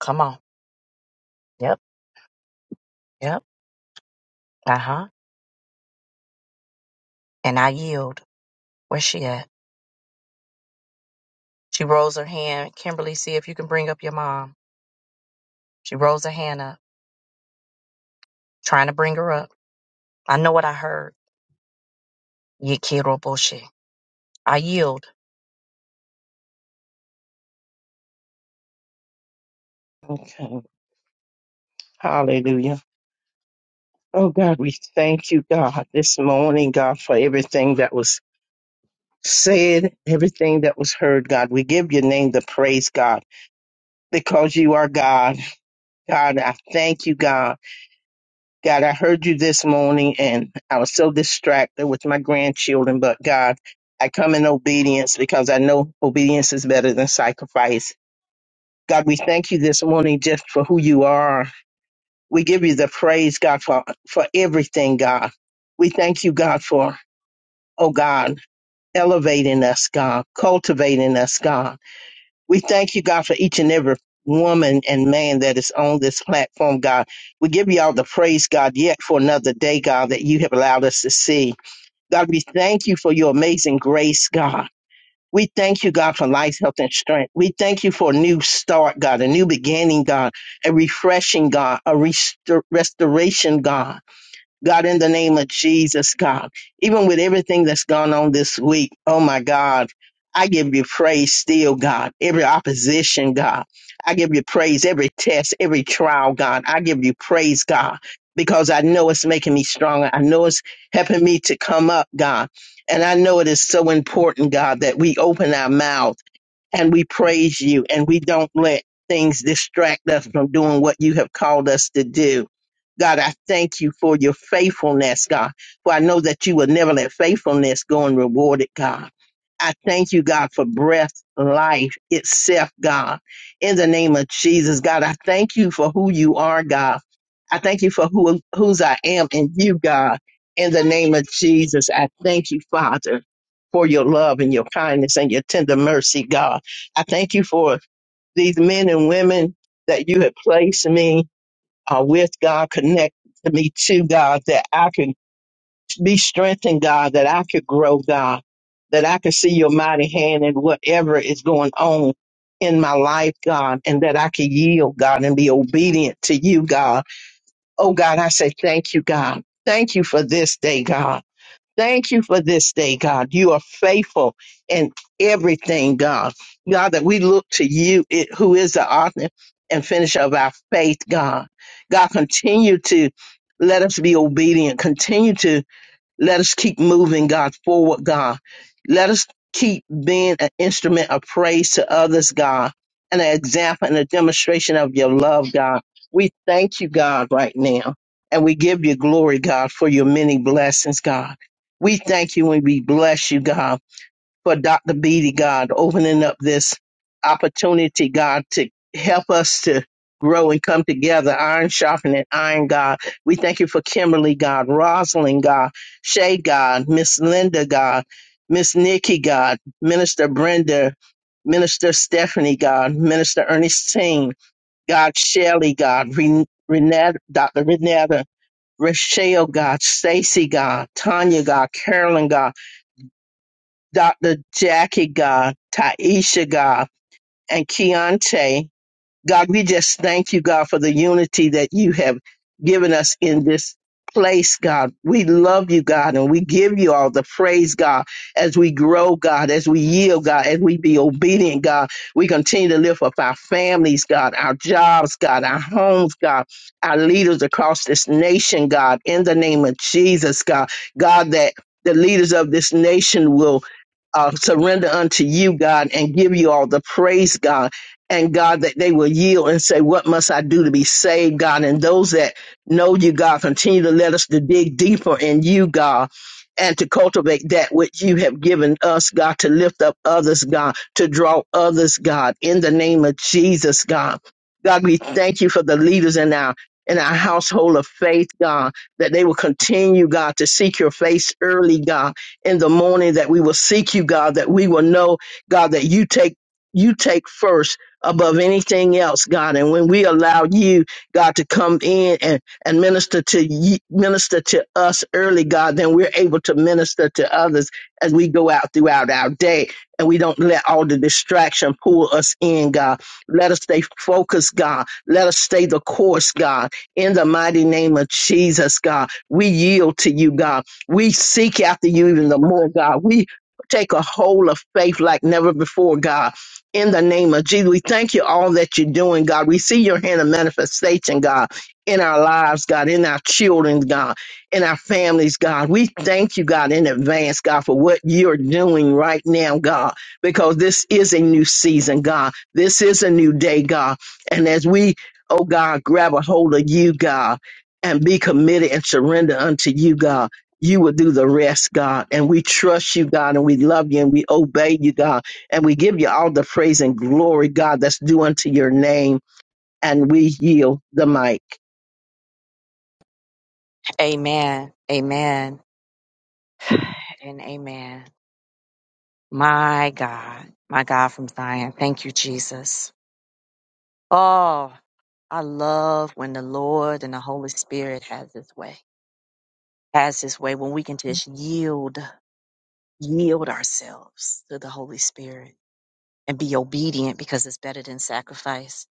Come on. Yep. Yep. Uh huh. And I yield. Where's she at? She rolls her hand. Kimberly, see if you can bring up your mom. She rolls her hand up, trying to bring her up. I know what I heard. You kiddo bullshit. I yield. Okay. Hallelujah. Oh God, we thank you, God, this morning, God, for everything that was said, everything that was heard, God. We give your name the praise, God, because you are God. God, I thank you, God. God, I heard you this morning and I was so distracted with my grandchildren, but God, I come in obedience because I know obedience is better than sacrifice. God, we thank you this morning just for who you are. We give you the praise, God, for, for everything, God. We thank you, God, for, oh God, elevating us, God, cultivating us, God. We thank you, God, for each and every woman and man that is on this platform, God. We give you all the praise, God, yet for another day, God, that you have allowed us to see. God, we thank you for your amazing grace, God. We thank you, God, for life, health, and strength. We thank you for a new start, God, a new beginning, God, a refreshing, God, a restor- restoration, God. God, in the name of Jesus, God, even with everything that's gone on this week, oh my God, I give you praise still, God. Every opposition, God, I give you praise. Every test, every trial, God, I give you praise, God, because I know it's making me stronger. I know it's helping me to come up, God. And I know it is so important, God, that we open our mouth and we praise you and we don't let things distract us from doing what you have called us to do. God, I thank you for your faithfulness, God, for I know that you will never let faithfulness go unrewarded, God. I thank you, God, for breath, life itself, God. In the name of Jesus, God, I thank you for who you are, God. I thank you for who, whose I am in you, God. In the name of Jesus, I thank you, Father, for your love and your kindness and your tender mercy, God. I thank you for these men and women that you have placed me uh, with, God. Connect me to God, that I can be strengthened, God, that I could grow, God, that I can see your mighty hand in whatever is going on in my life, God, and that I can yield, God, and be obedient to you, God. Oh, God, I say thank you, God. Thank you for this day, God. Thank you for this day, God. You are faithful in everything, God. God, that we look to you, it, who is the author and finisher of our faith, God. God, continue to let us be obedient. Continue to let us keep moving God forward, God. Let us keep being an instrument of praise to others, God, and an example and a demonstration of your love, God. We thank you, God, right now. And we give you glory, God, for your many blessings, God. We thank you and we bless you, God for Dr. Beatty, God, opening up this opportunity, God, to help us to grow and come together, iron sharpening iron, God. We thank you for Kimberly, God, Rosalind, God, Shay, God, Miss Linda, God, Miss Nikki, God, Minister Brenda, Minister Stephanie, God, Minister Ernestine, God, Shelley, God, Ren- Renetta, Dr. Renetta, Rochelle, God, Stacy, God, Tanya, God, Carolyn, God, Dr. Jackie Gah, Taisha Gah, and Keontae God, we just thank you, God, for the unity that you have given us in this place, God. We love you, God, and we give you all the praise, God, as we grow, God, as we yield, God, as we be obedient, God. We continue to lift up our families, God, our jobs, God, our homes, God, our leaders across this nation, God, in the name of Jesus, God. God, that the leaders of this nation will uh, surrender unto you, God, and give you all the praise, God and God, that they will yield and say, What must I do to be saved, God? And those that know you, God, continue to let us to dig deeper in you, God, and to cultivate that which you have given us, God, to lift up others, God, to draw others, God, in the name of Jesus, God. God, we thank you for the leaders in our in our household of faith, God, that they will continue, God, to seek your face early, God, in the morning, that we will seek you, God, that we will know, God, that you take you take first above anything else, God. And when we allow you, God, to come in and, and minister to you, minister to us early, God, then we're able to minister to others as we go out throughout our day. And we don't let all the distraction pull us in, God. Let us stay focused, God. Let us stay the course, God. In the mighty name of Jesus, God, we yield to you, God. We seek after you even the more, God. We take a hold of faith like never before, God in the name of Jesus. We thank you all that you're doing, God. We see your hand of manifestation, God, in our lives, God, in our children, God, in our families, God. We thank you, God, in advance, God, for what you're doing right now, God, because this is a new season, God. This is a new day, God. And as we, oh God, grab a hold of you, God, and be committed and surrender unto you, God. You will do the rest, God. And we trust you, God, and we love you and we obey you, God and we give you all the praise and glory, God, that's due unto your name. And we yield the mic. Amen. Amen. And amen. My God. My God from Zion. Thank you, Jesus. Oh, I love when the Lord and the Holy Spirit has his way. Has his way when we can just yield, yield ourselves to the Holy Spirit. and be obedient because it's better than sacrifice.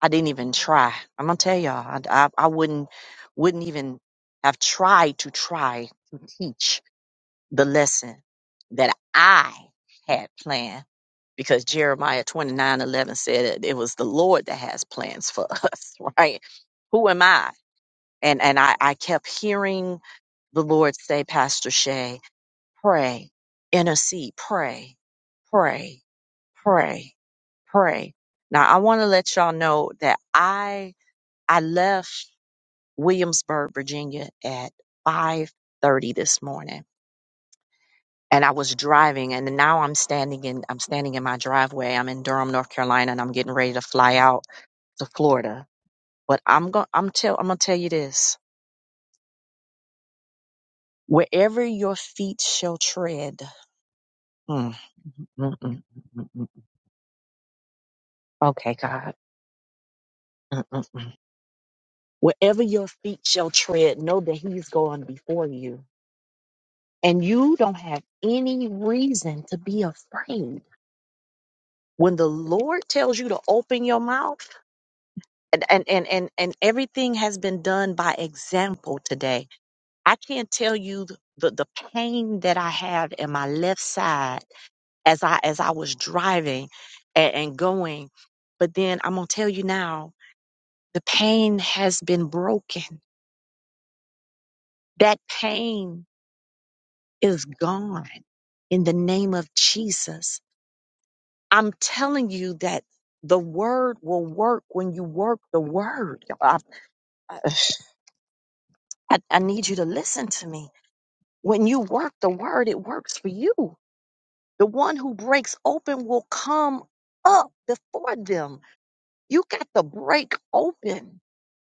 I didn't even try. I'm gonna tell y'all, I, I, I wouldn't wouldn't even have tried to try to teach the lesson that I had planned because Jeremiah 29:11 said it, it was the Lord that has plans for us, right? Who am I? And and I, I kept hearing the Lord say, Pastor Shay, pray, intercede, pray, pray pray, pray. Now I want to let y'all know that I I left Williamsburg, Virginia at 5:30 this morning and I was driving and now I'm standing in I'm standing in my driveway. I'm in Durham, North Carolina and I'm getting ready to fly out to Florida. But I'm going I'm tell I'm going to tell you this. Wherever your feet shall tread. Mm, mm, mm, mm, mm, mm. mm. Okay, God. Mm, mm, mm. Wherever your feet shall tread, know that he's going before you. And you don't have any reason to be afraid. When the Lord tells you to open your mouth, and, and, and, and, and everything has been done by example today, I can't tell you the, the, the pain that I had in my left side as I as I was driving and, and going. But then I'm gonna tell you now, the pain has been broken. That pain is gone in the name of Jesus. I'm telling you that the word will work when you work the word. I, I, I need you to listen to me. When you work the word, it works for you. The one who breaks open will come up before them. You got to break open.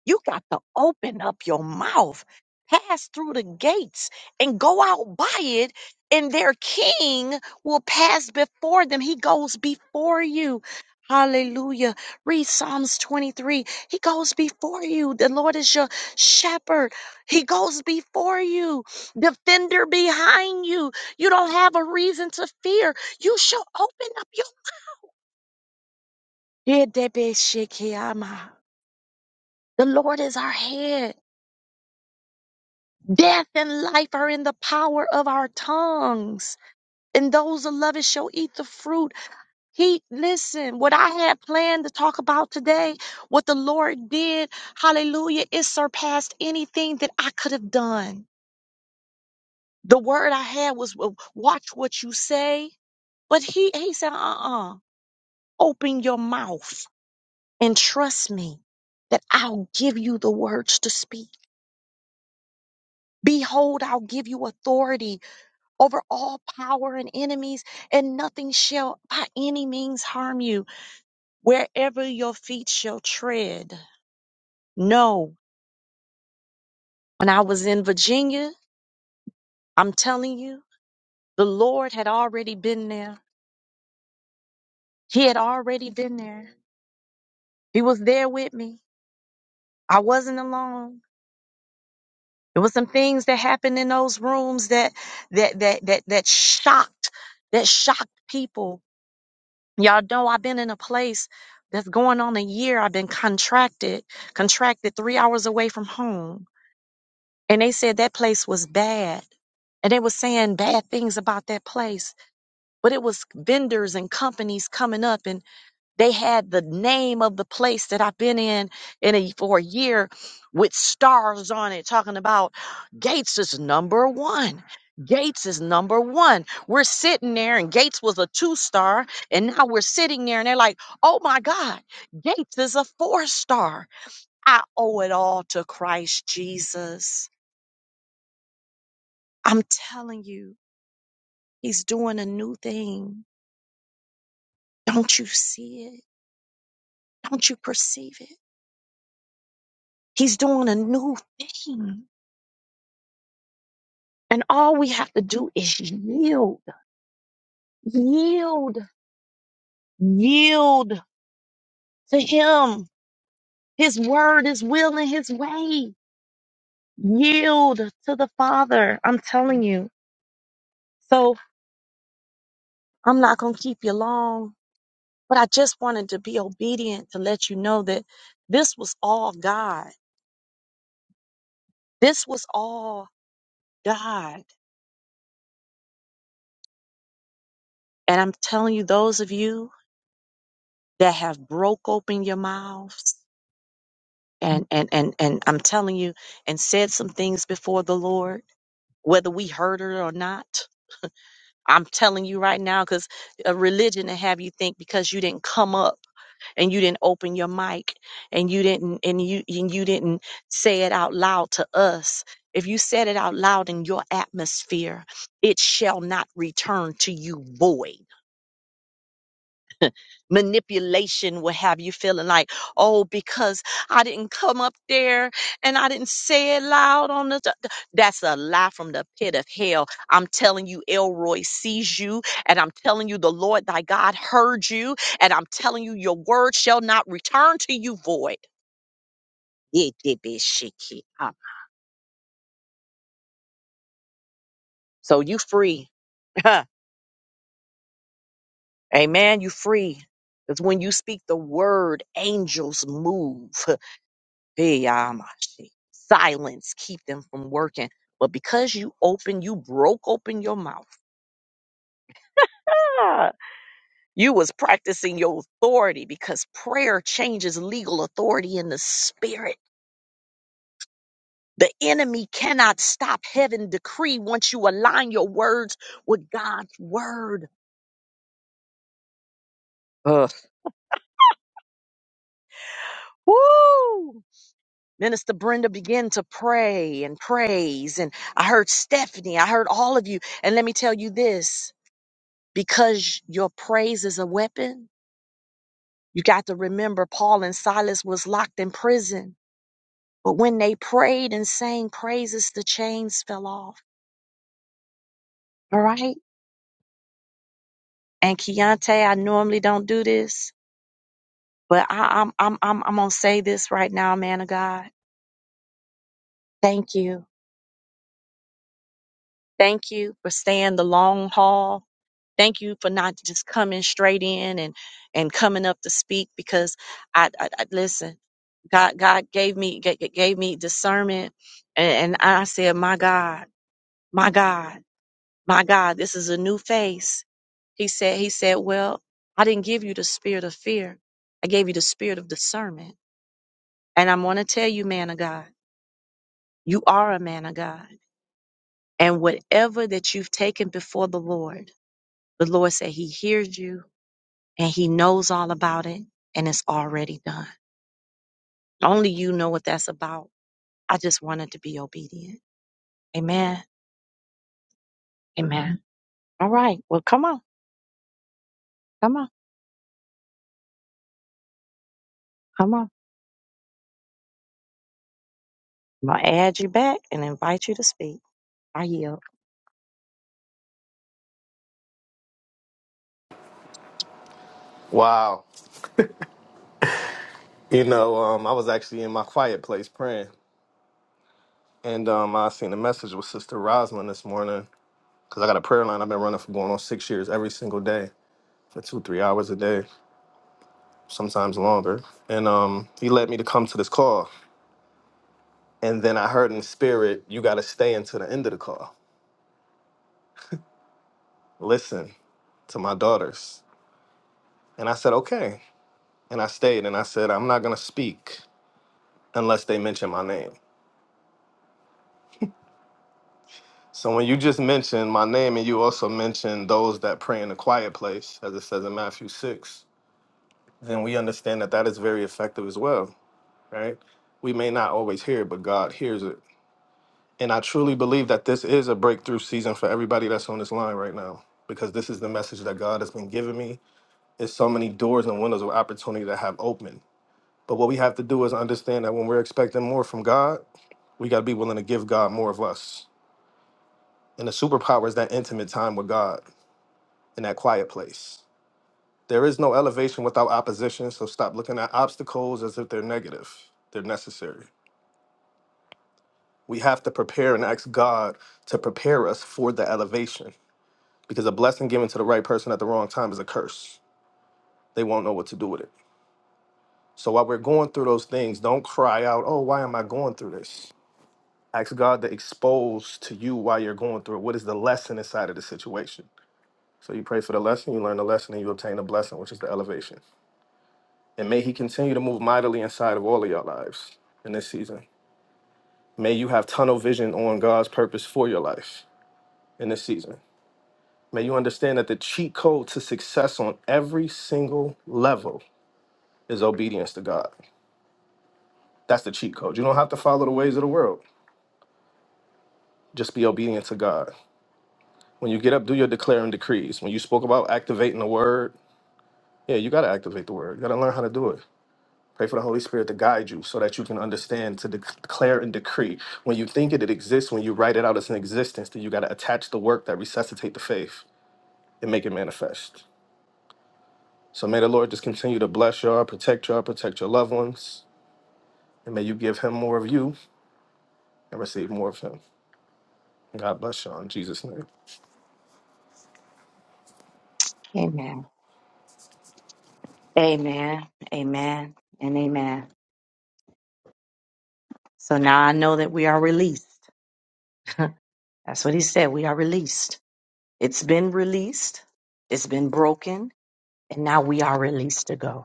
You got to open up your mouth, pass through the gates, and go out by it, and their king will pass before them. He goes before you. Hallelujah. Read Psalms 23. He goes before you. The Lord is your shepherd. He goes before you. Defender behind you. You don't have a reason to fear. You shall open up your. The Lord is our head. Death and life are in the power of our tongues. And those that love it shall eat the fruit. He, listen, what I had planned to talk about today, what the Lord did, hallelujah, it surpassed anything that I could have done. The word I had was w- watch what you say. But he, he said, uh-uh, open your mouth and trust me that I'll give you the words to speak. Behold, I'll give you authority over all power and enemies, and nothing shall by any means harm you wherever your feet shall tread. No, when I was in Virginia, I'm telling you, the Lord had already been there. He had already been there. He was there with me. I wasn't alone. There were some things that happened in those rooms that that that that that shocked that shocked people Y'all know I've been in a place that's going on a year. I've been contracted, contracted three hours away from home. And they said that place was bad. And they were saying bad things about that place. But it was vendors and companies coming up. and. They had the name of the place that I've been in in a, for a year with stars on it, talking about Gates is number one. Gates is number one. We're sitting there, and Gates was a two star, and now we're sitting there, and they're like, oh my God, Gates is a four star. I owe it all to Christ Jesus. I'm telling you, He's doing a new thing. Don't you see it? Don't you perceive it? He's doing a new thing. And all we have to do is yield, yield, yield to Him, His word, His will, and His way. Yield to the Father. I'm telling you. So I'm not going to keep you long, but I just wanted to be obedient to let you know that this was all God. This was all God. And I'm telling you, those of you that have broke open your mouths, and and and and I'm telling you, and said some things before the Lord, whether we heard it or not. I'm telling you right now, because a religion to have you think because you didn't come up and you didn't open your mic and you didn't and you and you didn't say it out loud to us. If you said it out loud in your atmosphere, it shall not return to you void. manipulation will have you feeling like, oh, because I didn't come up there and I didn't say it loud on the. t- That's a lie from the pit of hell. I'm telling you, Elroy sees you, and I'm telling you, the Lord thy God heard you, and I'm telling you, your word shall not return to you void. It did be shaky. Uh, So you free. Amen. You free. Because when you speak the word, angels move. Hey, Beyamashi. Silence keep them from working. But because you open, you broke open your mouth. Ah, You was practicing your authority because prayer changes legal authority in the spirit. The enemy cannot stop heaven decree once you align your words with God's word. Ugh. Woo! Minister Brenda began to pray and praise. And I heard Stephanie, I heard all of you. And let me tell you this. because your praise is a weapon. You got to remember Paul and Silas was locked in prison, but when they prayed and sang praises, the chains fell off. All right. And Keontae, I normally don't do this, but I, I'm I'm I'm I'm gonna say this right now, man of God. Thank you Thank you for staying the long haul. Thank you for not just coming straight in and and coming up to speak because I, I, I listen. God God gave me ga- ga- gave me discernment and, and I said, "My God, my God, my God, this is a new face." He said he said, "Well, I didn't give you the spirit of fear. I gave you the spirit of discernment." And I'm going to tell you, man of God, you are a man of God. And whatever that you've taken before the Lord, The Lord said He hears you and He knows all about it and it's already done. Only you know what that's about. I just wanted to be obedient. Amen. Amen. All right. Well, come on. Come on. Come on. I'm going to add you back and invite you to speak. I yield. Wow. You know, um, I was actually in my quiet place praying, and um, I seen a message with Sister Rosalind this morning because I got a prayer line I've been running for going on six years every single day for two, three hours a day, sometimes longer. And um, he led me to come to this call, and then I heard in the spirit, "You got to stay until the end of the call. Listen to my daughters." And I said, "Okay," and I stayed, and I said, "I'm not gonna speak unless they mention my name." So when you just mentioned my name and you also mentioned those that pray in a quiet place, as it says in Matthew 6, then we understand that that is very effective as well, right? We may not always hear it, but God hears it. And I truly believe that this is a breakthrough season for everybody that's on this line right now, because this is the message that God has been giving me. There's so many doors and windows of opportunity that have opened. But what we have to do is understand that when we're expecting more from God, we got to be willing to give God more of us. And the superpower is that intimate time with God in that quiet place. There is no elevation without opposition, so stop looking at obstacles as if they're negative. They're necessary. We have to prepare and ask God to prepare us for the elevation because a blessing given to the right person at the wrong time is a curse. They won't know what to do with it. So while we're going through those things, don't cry out, oh, why am I going through this? Ask God to expose to you why you're going through it. What is the lesson inside of the situation? So you pray for the lesson, you learn the lesson, and you obtain the blessing, which is the elevation. And may he continue to move mightily inside of all of your lives in this season. May you have tunnel vision on God's purpose for your life in this season. May you understand that the cheat code to success on every single level is obedience to God. That's the cheat code. You don't have to follow the ways of the world. Just be obedient to God. When you get up, do your declaring decrees. When you spoke about activating the word, yeah, you got to activate the word. You got to learn how to do it. Pray for the Holy Spirit to guide you so that you can understand, to declare and decree. When you think it, it exists. When you write it out as an existence, then you got to attach the work that resuscitate the faith and make it manifest. So may the Lord just continue to bless y'all, protect y'all, protect your loved ones, and may you give him more of you and receive more of him. God bless y'all in Jesus' name. Amen. Amen. Amen. And amen. So now I know that we are released. that's what He said. We are released. It's been released, it's been broken, and now we are released to go.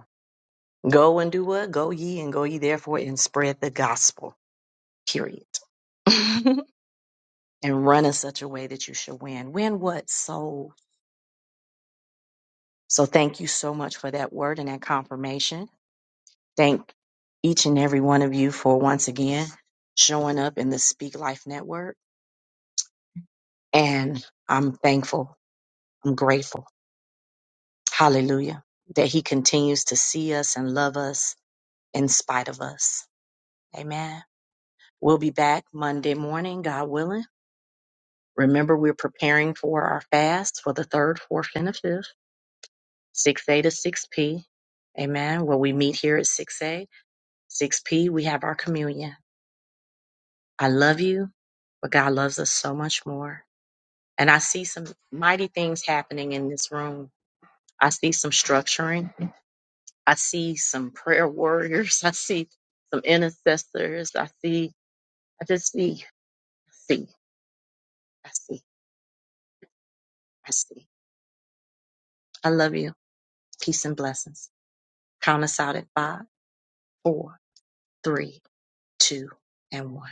Go and do what? Go ye and go ye therefore and spread the gospel, period. and run in such a way that you shall win. Win what? Soul. So thank you so much for that word and that confirmation. Thank each and every one of you for once again showing up in the Speak Life Network. And I'm thankful. I'm grateful. Hallelujah. That he continues to see us and love us in spite of us. Amen. We'll be back Monday morning, God willing. Remember, we're preparing for our fast for the third, fourth, and the fifth, 6A to 6P. Amen. Where we meet here at 6A, 6P, we have our communion. I love you, but God loves us so much more. And I see some mighty things happening in this room. I see some structuring. I see some prayer warriors. I see some intercessors. I see, I just see, see, I see, I see. I love you. Peace and blessings. Count us out at five, four three, two, and one.